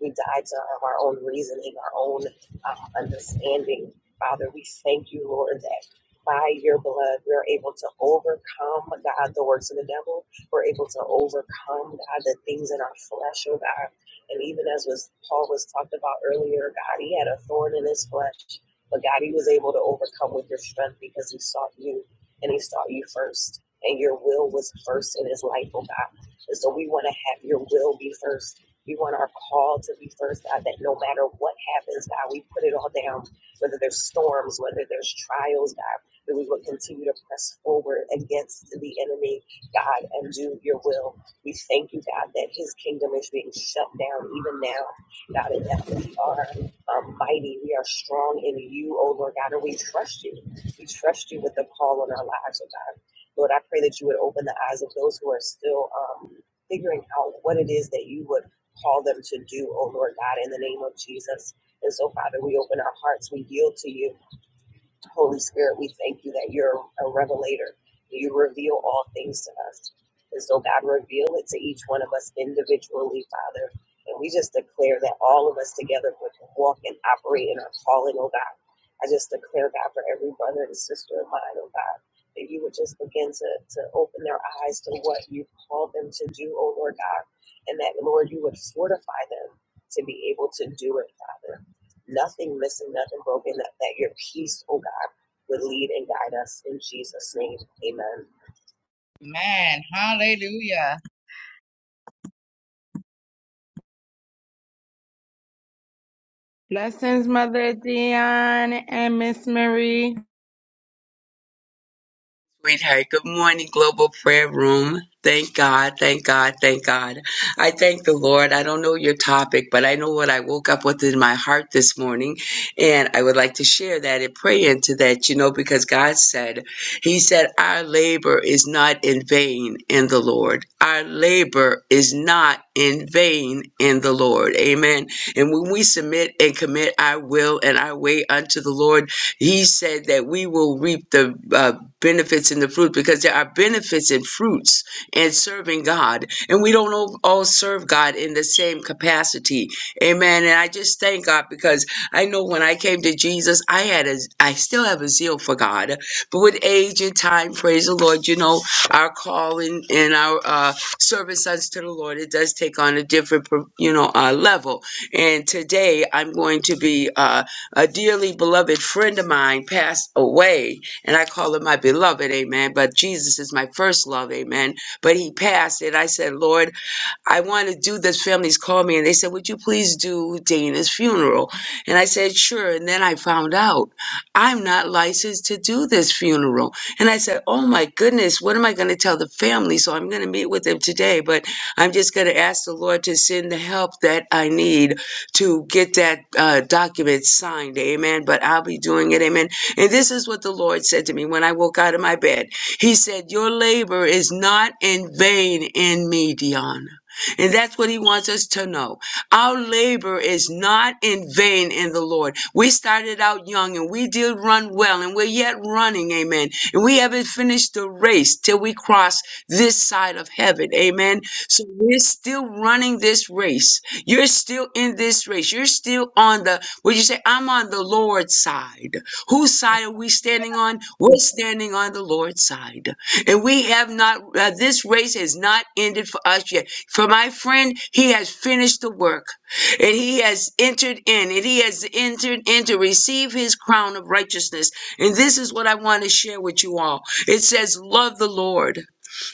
We die to our own reasoning, our own uh, understanding. Father, we thank you, Lord, that by your blood we are able to overcome, God, the works of the devil. We're able to overcome, God, the things in our flesh, oh God. And even as was Paul was talked about earlier, God, he had a thorn in his flesh. But God, he was able to overcome with your strength because he sought you and he saw you first. And your will was first in his life, oh God. And so we want to have your will be first. We want our call to be first, God, that no matter what happens, God, we put it all down, whether there's storms, whether there's trials, God, that we will continue to press forward against the enemy, God, and do your will. We thank you, God, that his kingdom is being shut down even now, God, and that we are um, mighty, we are strong in you, oh Lord God, and we trust you. We trust you with the call on our lives, oh God. Lord, I pray that you would open the eyes of those who are still um, figuring out what it is that you would call them to do, oh Lord God, in the name of Jesus. And so, Father, we open our hearts, we yield to you. Holy Spirit, we thank you that you're a revelator. You reveal all things to us. And so, God, reveal it to each one of us individually, Father. And we just declare that all of us together would walk and operate in our calling, oh God. I just declare, God, for every brother and sister of mine, oh God, that you would just begin to, to open their eyes to what you've called them to do, oh Lord God. And that, Lord, you would fortify them to be able to do it, Father nothing missing, nothing broken, that, that your peace, oh God, would lead and guide us in Jesus' name. Amen. Amen. Hallelujah. Blessings, Mother Dion and Miss Marie. sweetheart. Good morning, Global Prayer Room. Thank God, thank God, thank God. I thank the Lord. I don't know your topic, but I know what I woke up with in my heart this morning. And I would like to share that and pray into that, you know, because God said, He said, Our labor is not in vain in the Lord. Our labor is not in vain in the Lord. Amen. And when we submit and commit our will and our way unto the Lord, he said that we will reap the uh, benefits and the fruit because there are benefits and fruits in serving God. And we don't all all serve God in the same capacity. Amen. And I just thank God because I know when I came to Jesus, I had a, I still have a zeal for God. But with age and time, praise the Lord, you know, our calling and our uh, service unto the Lord, it does take on a different, you know, uh, level. And today I'm going to be. Uh, a dearly beloved friend of mine passed away, and I call him my beloved, amen. But Jesus is my first love, amen. But he passed, and I said, Lord, I want to do this. Families called me and they said, Would you please do Dana's funeral? And I said, Sure. And then I found out I'm not licensed to do this funeral. And I said, Oh my goodness, what am I going to tell the family? So I'm going to meet with them today, but I'm just going to ask the Lord to send the help that I need to get that uh, document signed. Amen. But I'll be doing it. Amen. And this is what the Lord said to me when I woke out of my bed He said, Your labor is not in vain in me, Dion. And that's what he wants us to know. Our labor is not in vain in the Lord. We started out young and we did run well and we're yet running. Amen. And we haven't finished the race till we cross this side of heaven. Amen. So we're still running this race. You're still in this race. You're still on the, would you say, I'm on the Lord's side. Whose side are we standing on? We're standing on the Lord's side. And we have not, uh, this race has not ended for us yet. For my friend, he has finished the work and he has entered in and he has entered in to receive his crown of righteousness. And this is what I want to share with you all. It says, Love the Lord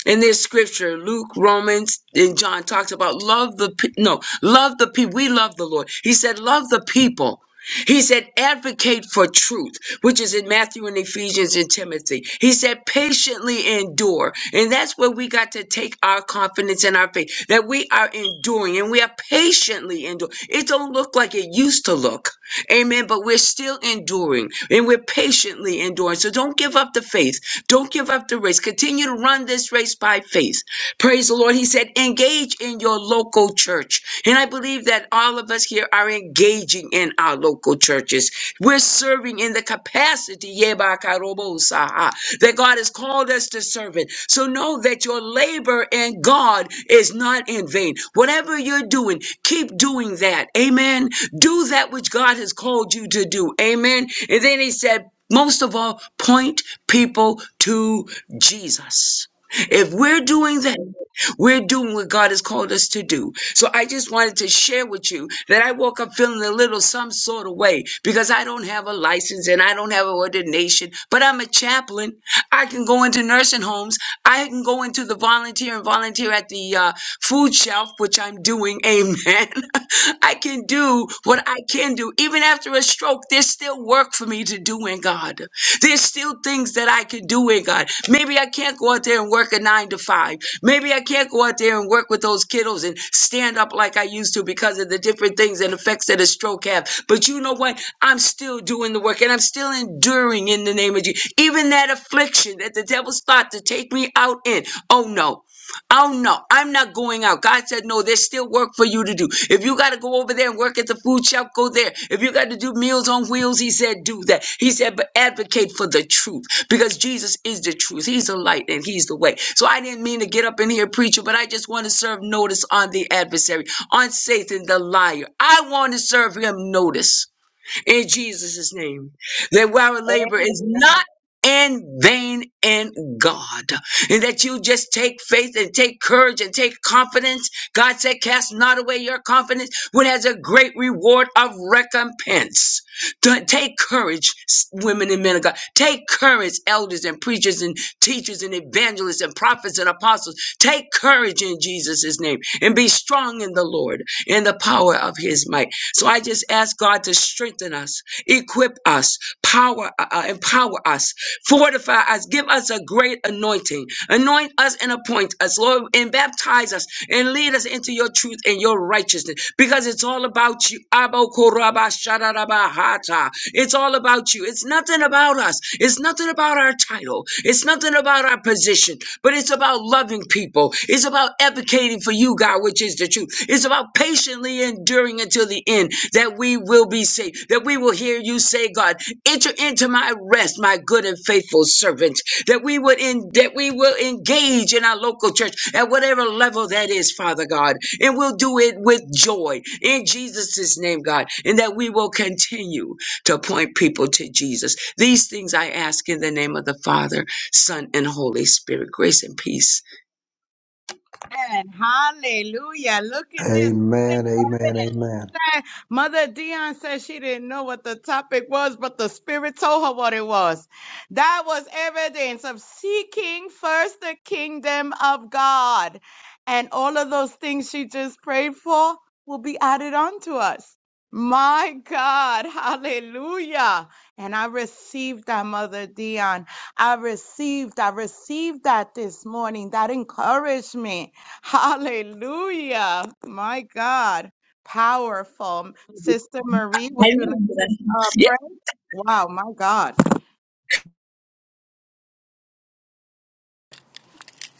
in this scripture luke romans and john talks about love the pe- no love the people we love the lord he said love the people he said advocate for truth which is in matthew and ephesians and timothy he said patiently endure and that's where we got to take our confidence and our faith that we are enduring and we are patiently enduring it don't look like it used to look Amen. But we're still enduring and we're patiently enduring. So don't give up the faith. Don't give up the race. Continue to run this race by faith. Praise the Lord. He said, engage in your local church. And I believe that all of us here are engaging in our local churches. We're serving in the capacity yebakarobosaha, that God has called us to serve in. So know that your labor in God is not in vain. Whatever you're doing, keep doing that. Amen. Do that which God has called you to do. Amen. And then he said, most of all, point people to Jesus. If we're doing that, we're doing what God has called us to do. So I just wanted to share with you that I woke up feeling a little some sort of way because I don't have a license and I don't have an ordination, but I'm a chaplain. I can go into nursing homes. I can go into the volunteer and volunteer at the uh, food shelf, which I'm doing. Amen. I can do what I can do. Even after a stroke, there's still work for me to do in God. There's still things that I can do in God. Maybe I can't go out there and work a nine to five. Maybe I can't go out there and work with those kiddos and stand up like I used to because of the different things and effects that a stroke have. But you know what? I'm still doing the work and I'm still enduring in the name of Jesus. Even that affliction that the devil's thought to take me out in. Oh no. Oh no, I'm not going out. God said, No, there's still work for you to do. If you got to go over there and work at the food shop, go there. If you got to do meals on wheels, He said, Do that. He said, But advocate for the truth because Jesus is the truth. He's the light and He's the way. So I didn't mean to get up in here preaching, but I just want to serve notice on the adversary, on Satan, the liar. I want to serve him notice in Jesus' name. That our labor is not in vain in God. And that you just take faith and take courage and take confidence. God said, Cast not away your confidence, which has a great reward of recompense. Don't take courage, women and men of God. Take courage, elders and preachers and teachers and evangelists and prophets and apostles. Take courage in Jesus' name and be strong in the Lord in the power of his might. So I just ask God to strengthen us, equip us, power, uh, uh, empower us, fortify us, give us a great anointing, anoint us and appoint us, Lord, and baptize us and lead us into your truth and your righteousness because it's all about you. Abokorabashadarabahatarabakaya. It's all about you. It's nothing about us. It's nothing about our title. It's nothing about our position, but it's about loving people. It's about advocating for you, God, which is the truth. It's about patiently enduring until the end that we will be saved, that we will hear you say, God, enter into my rest, my good and faithful servant, that we would in, that we will engage in our local church at whatever level that is, Father God, and we'll do it with joy in Jesus' name, God, and that we will continue to appoint people to Jesus. These things I ask in the name of the Father, Son, and Holy Spirit. Grace and peace. And Hallelujah. Look at this Amen. Amen. Amen. saying? Mother Dion said she didn't know what the topic was, but the Spirit told her what it was. That was evidence of seeking first the kingdom of God. And all of those things she just prayed for will be added on to us. My God, hallelujah. And I received that, Mother Dion. I received, I received that this morning. That encouraged me. Hallelujah. My God. Powerful. Sister Marie, I would you like love to that. uh, Yes. pray? Wow, my God.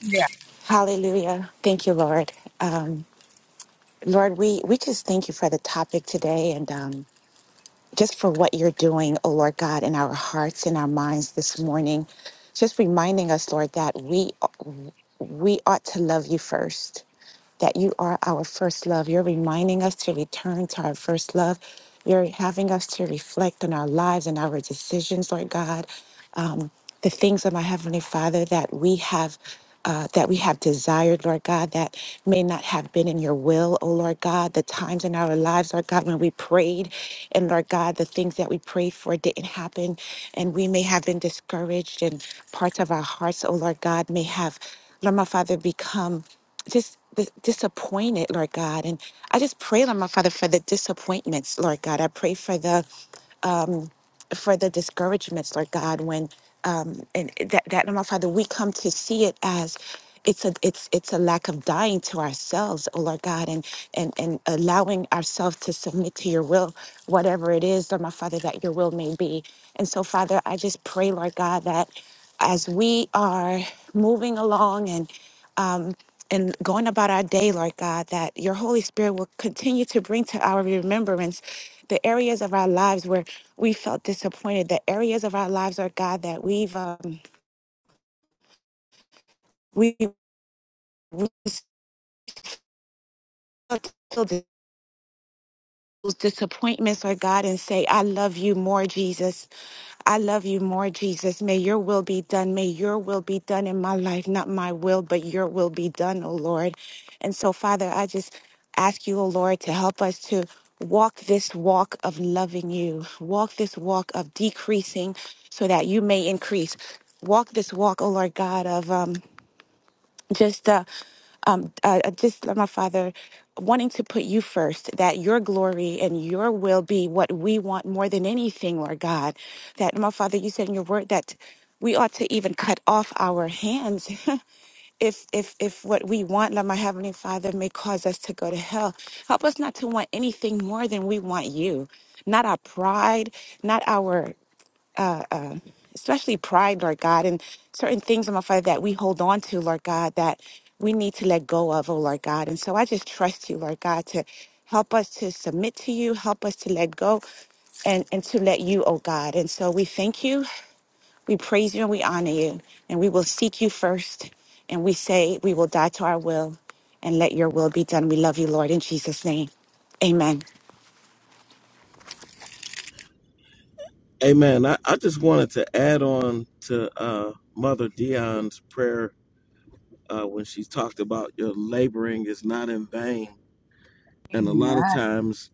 Yeah, Hallelujah. Thank you, Lord. Um, Lord, we, we just thank you for the topic today and um, just for what you're doing, oh Lord God, in our hearts and our minds this morning. Just reminding us, Lord, that we we ought to love you first, that you are our first love. You're reminding us to return to our first love. You're having us to reflect on our lives and our decisions, Lord God. Um, the things of my heavenly father that we have uh, that we have desired, Lord God, that may not have been in your will, oh Lord God, the times in our lives, Lord God, when we prayed, and Lord God, the things that we prayed for didn't happen, and we may have been discouraged, and parts of our hearts, oh Lord God, may have, Lord my Father, become just dis- disappointed, Lord God. And I just pray, Lord my Father, for the disappointments, Lord God. I pray for the for the discouragements, Lord God, when um, and that that my Father, we come to see it as it's a it's it's a lack of dying to ourselves, oh Lord God, and and and allowing ourselves to submit to your will, whatever it is, Lord my Father, that your will may be. And so, Father, I just pray, Lord God, that as we are moving along and and going about our day, Lord God, that your Holy Spirit will continue to bring to our remembrance the areas of our lives where we felt disappointed, the areas of our lives, Lord God, that we've um, we we felt those disappointments, Lord God, and say, "I love you more, Jesus." I love you more, Jesus. May your will be done. May your will be done in my life, not my will, but your will be done, oh Lord. And so, Father, I just ask you, oh Lord, to help us to walk this walk of loving you, walk this walk of decreasing so that you may increase. Walk this walk, oh Lord God, of um, just uh, um, uh, uh, just uh, my father wanting to put you first that your glory and your will be what we want more than anything lord god that my father you said in your word that we ought to even cut off our hands if if if what we want lord my heavenly father may cause us to go to hell help us not to want anything more than we want you not our pride not our especially pride, Lord God, and certain things, my Father, that we hold on to, Lord God, that we need to let go of, oh Lord God. And so I just trust you, Lord God, to help us to submit to you, help us to let go and, and to let you, oh God. And so we thank you, we praise you, and we honor you. And we will seek you first. And we say we will die to our will and let your will be done. We love you, Lord, in Jesus' name. Amen. Amen. I, I just wanted to add on to uh, Mother Dion's prayer uh, when she talked about your laboring is not in vain. And a lot of amen. times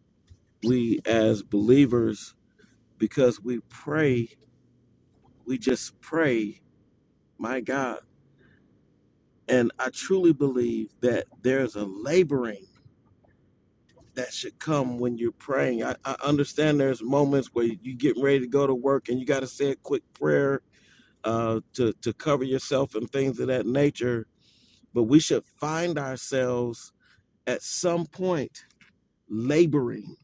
we as believers, because we pray, we just pray, my God. And I truly believe that there's a laboring that should come when you're praying. I, I understand there's moments where you get ready to go to work and you got to say a quick prayer uh, to to cover yourself and things of that nature. But we should find ourselves at some point laboring,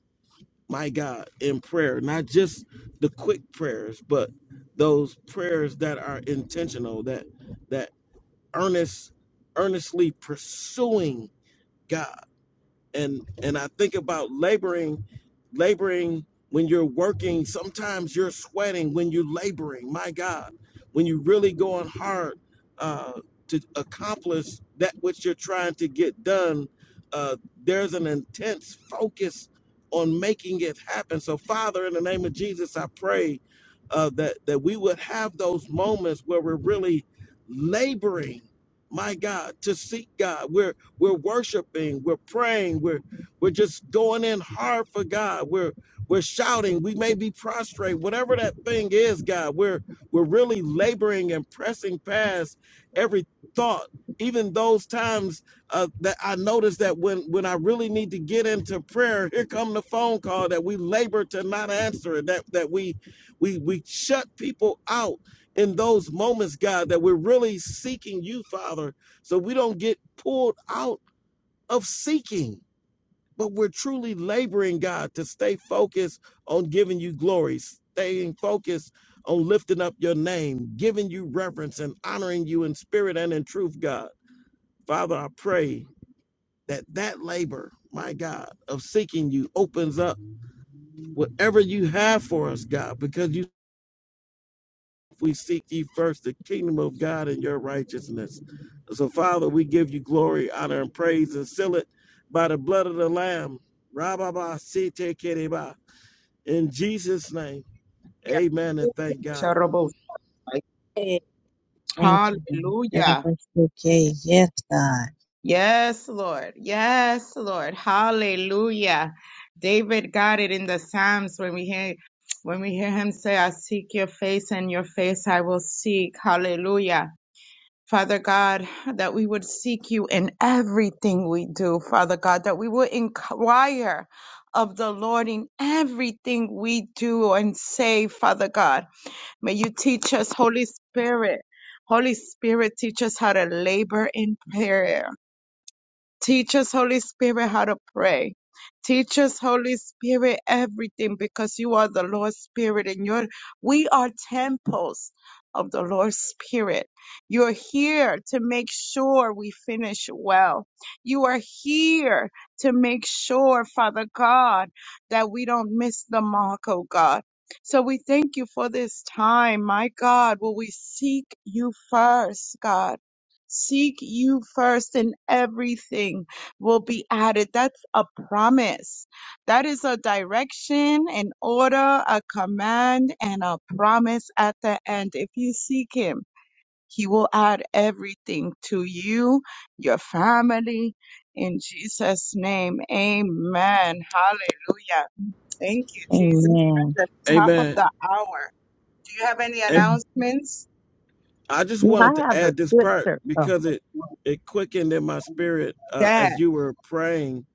my God, in prayer, not just the quick prayers, but those prayers that are intentional, that that earnest, earnestly pursuing God and and I think about laboring, laboring when you're working. Sometimes you're sweating when you're laboring. My God, when you're really going hard uh, to accomplish that which you're trying to get done, uh, there's an intense focus on making it happen. So, Father, in the name of Jesus, I pray uh, that that we would have those moments where we're really laboring. My God, to seek God, we're worshiping, we're praying, we're we're just going in hard for God. We're we're shouting, we may be prostrate, whatever that thing is, God. We're we're really laboring and pressing past every thought, even those times uh, that I notice that when when I really need to get into prayer, here come the phone call that we labor to not answer it, that that we we we shut people out in those moments, God, that we're really seeking you, Father so we don't get pulled out of seeking, but we're truly laboring, God, to stay focused on giving you glory, staying focused on lifting up your name, giving you reverence and honoring you in spirit and in truth, God. Father, I pray that that labor, my God, of seeking you opens up whatever you have for us, God, because you if we seek ye first the kingdom of God and your righteousness. So, Father, we give you glory, honor, and praise, and seal it by the blood of the Lamb. Rababa sete kereba. In Jesus' name, Yeah. amen, and thank God. Hey, Thank you. Lord. That I Hallelujah. was Okay. Yes, God. Yes, Lord. Yes, Lord. Hallelujah. David got it in the Psalms when we hear when we hear him say, I seek your face and your face I will seek. Hallelujah. Father God, that we would seek you in everything we do, Father God, that we would inquire of the Lord in everything we do and say, Father God. May you teach us, Holy Spirit. Holy Spirit, teach us how to labor in prayer. Teach us, Holy Spirit, how to pray. Teach us, Holy Spirit, everything because you are the Lord's Spirit and you're, we are temples of the Lord's Spirit. You're here to make sure we finish well. You are here to make sure, Father God, that we don't miss the mark, oh God. So we thank you for this time, my God. Will we seek you first, God? Seek you first, and everything will be added. That's a promise. That is a direction, an order, a command, and a promise at the end. If you seek Him, He will add everything to you, your family. In Jesus' name, amen. Hallelujah. Thank you, Jesus. Amen. We're at the top of Amen. the hour. Do you have any And Mm. announcements? I just Well, wanted I to have a add this part scripture. Oh, because it, it quickened in my spirit uh, Dad. as you were praying,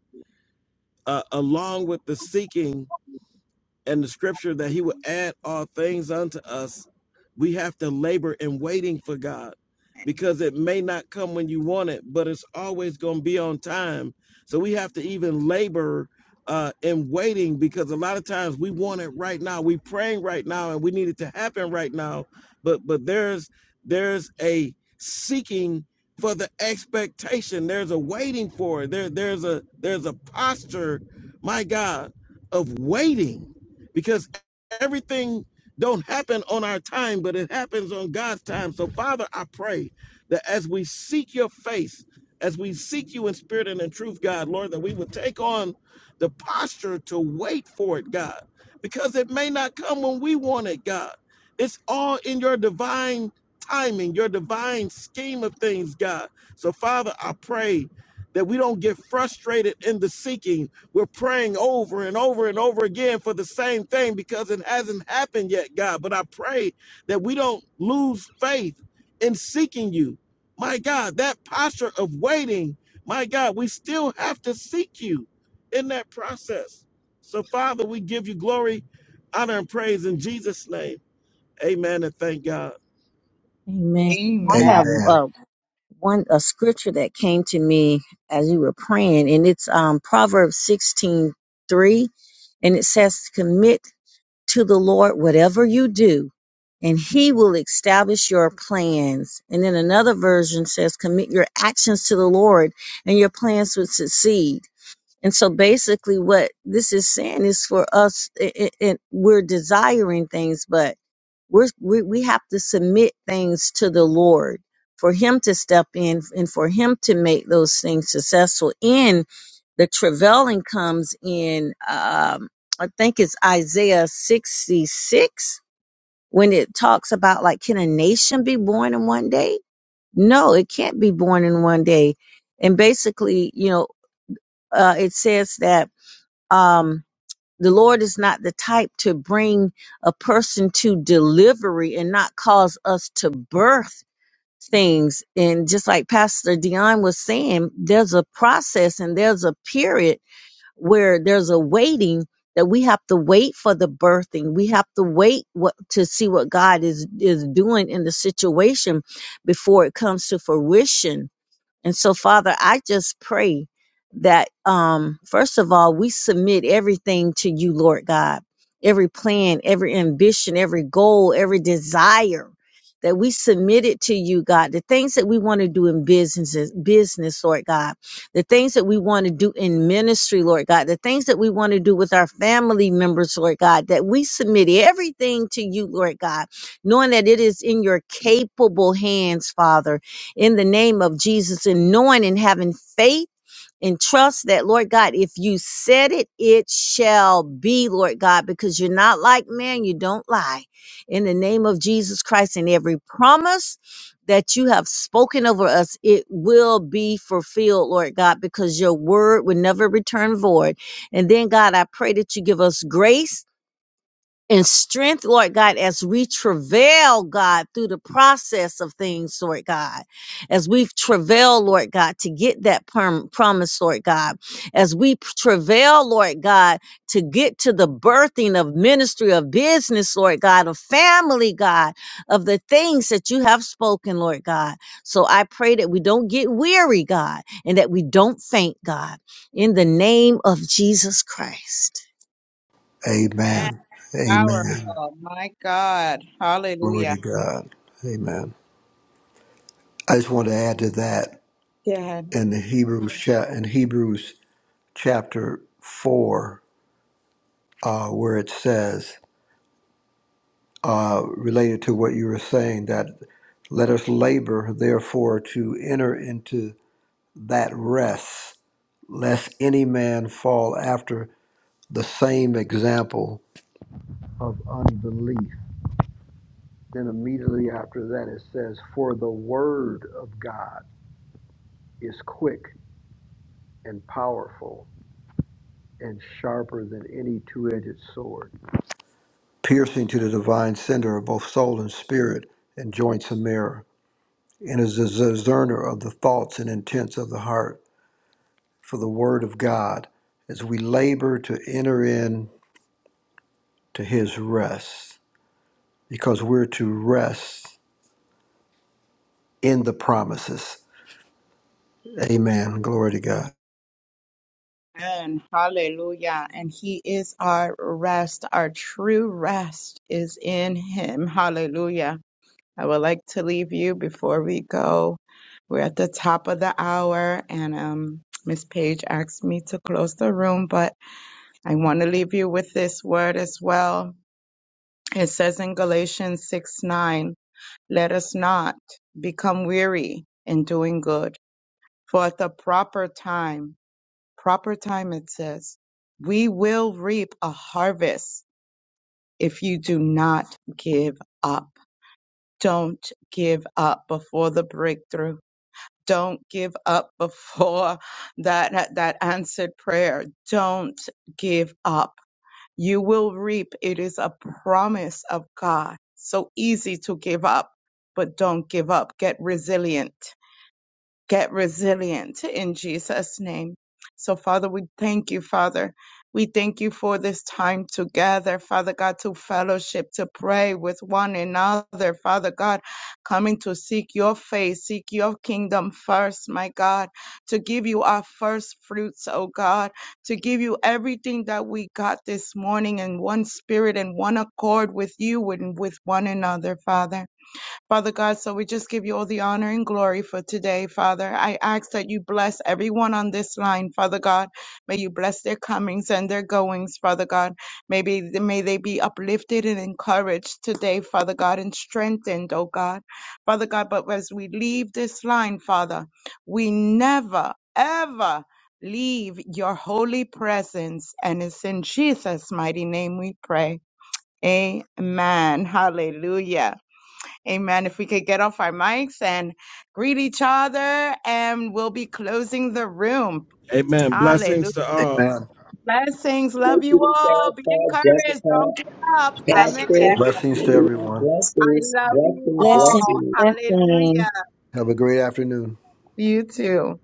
uh, along with the seeking and the scripture that he will add all things unto us we have to labor in waiting for god because it may not come when you want it but it's always going to be on time so we have to even labor uh, in waiting because a lot of times we want it right now we are praying right now and we need it to happen right now but but there's there's a seeking for the expectation there's a waiting for it there there's a there's a posture my god of waiting because everything don't happen on our time, but it happens on God's time. So, Father, I pray that as we seek your face, as we seek you in spirit and in truth, God, Lord, that we would take on the posture to wait for it, God, because it may not come when we want it, God. It's all in your divine timing, your divine scheme of things, God. So, Father, I pray that we don't get frustrated in the seeking. We're praying over and over and over again for the same thing because it hasn't happened yet, God. But I pray that we don't lose faith in seeking you. My God, that posture of waiting, my God, we still have to seek you in that process. So, Father, we give you glory, honor, and praise in Jesus' name. Amen and thank God. amen. I Amen. Amen. have. one a scripture that came to me as you were praying, and it's um, Proverbs sixteen three, and it says, "Commit to the Lord whatever you do, and He will establish your plans." And then another version says, "Commit your actions to the Lord, and your plans will succeed." And so, basically, what this is saying is for us, it, it, it- we're desiring things, but we're, we we have to submit things to the Lord for Him to step in and for Him to make those things successful. In the travailing comes in, um, I think it's Isaiah 66 when it talks about like, can a nation be born in one day? No, it can't be born in one day. And basically, you know, uh, it says that. Um, the Lord is not the type to bring a person to delivery and not cause us to birth things. And just like Pastor Dion was saying, there's a process and there's a period where there's a waiting that we have to wait for the birthing. We have to wait what, to see what God is, is doing in the situation before it comes to fruition and so, Father, I just pray that, um, first of all, we submit everything to you, Lord God, every plan, every ambition, every goal, every desire. That we submit it to you, God. The things that we want to do in businesses, business, Lord God. The things that we want to do in ministry, Lord God. The things that we want to do with our family members, Lord God. That we submit everything to you, Lord God, knowing that it is in your capable hands, Father in the name of Jesus and knowing and having faith and trust that, Lord God, if you said it, it shall be, Lord God, because you're not like man, you don't lie. In the name of Jesus Christ and every promise that you have spoken over us, it will be fulfilled, Lord God, because your word will never return void. And then, God, I pray that you give us grace and strength, Lord God, as we travail, God, through the process of things, Lord God, as we travail, Lord God, to get that perm- promise, Lord God, as we p- travail, Lord God, to get to the birthing of ministry, of business, Lord God, of family, God, of the things that you have spoken, Lord God. So I pray that we don't get weary, God, and that we don't faint, God, in the name of Jesus Christ. Amen. Amen. Powerful. My God. Glory to Hallelujah. God. Amen. I just want to add to that. Yeah. in the Hebrews cha- in Hebrews chapter four, uh, where it says uh, related to what you were saying that let us labor therefore to enter into that rest, lest any man fall after the same example of unbelief. Then immediately after that it says, for the word of God is quick and powerful and sharper than any two-edged sword piercing to the divine center of both soul and spirit and joints and marrow, and is a discerner of the thoughts and intents of the heart for the word of God as we labor to enter in to his rest because we're to rest in the promises. Amen. Glory to God. And hallelujah. And he is our rest. Our true rest is in him. Hallelujah. I would like to leave you before we go. We're at the top of the hour and um Miss Page asked me to close the room, but I want to leave you with this word as well. It says in Galatians 6 9, let us not become weary in doing good For at the proper time, proper time it says, we will reap a harvest if you do not give up. Don't give up before the breakthrough. Don't give up before that, that answered prayer. Don't give up. You will reap. It is a promise of God. So easy to give up, but don't give up. Get resilient get resilient in Jesus' name. So, Father, we thank you, Father. We thank you for this time together, Father God, to fellowship, to pray with one another, Father God, coming to seek your face, seek your kingdom first, my God, to give you our first fruits, oh God, to give you everything that we got this morning in one spirit and one accord with you and with one another, Father. Father God, so we just give you all the honor and glory for today, Father. I ask that you bless everyone on this line, Father God. May you bless their comings and their goings, Father God. Maybe may they be uplifted and encouraged today, Father God, and strengthened, oh God. Father God, but as we leave this line, Father, we never, ever leave your holy presence. And it's in Jesus' mighty name we pray. Amen. Hallelujah. Amen. If we could get off our mics and greet each other, and we'll be closing the room. Amen. Hallelujah. Blessings to all. Amen. Blessings. Love you all. Be encouraged. Jessica, Don't give up. Amen. Blessing Pastor, to everyone. Blessings to everyone. blessings, I love you blessings, all. Blessing, blessings. blessing. Hallelujah. Have a great afternoon. You too.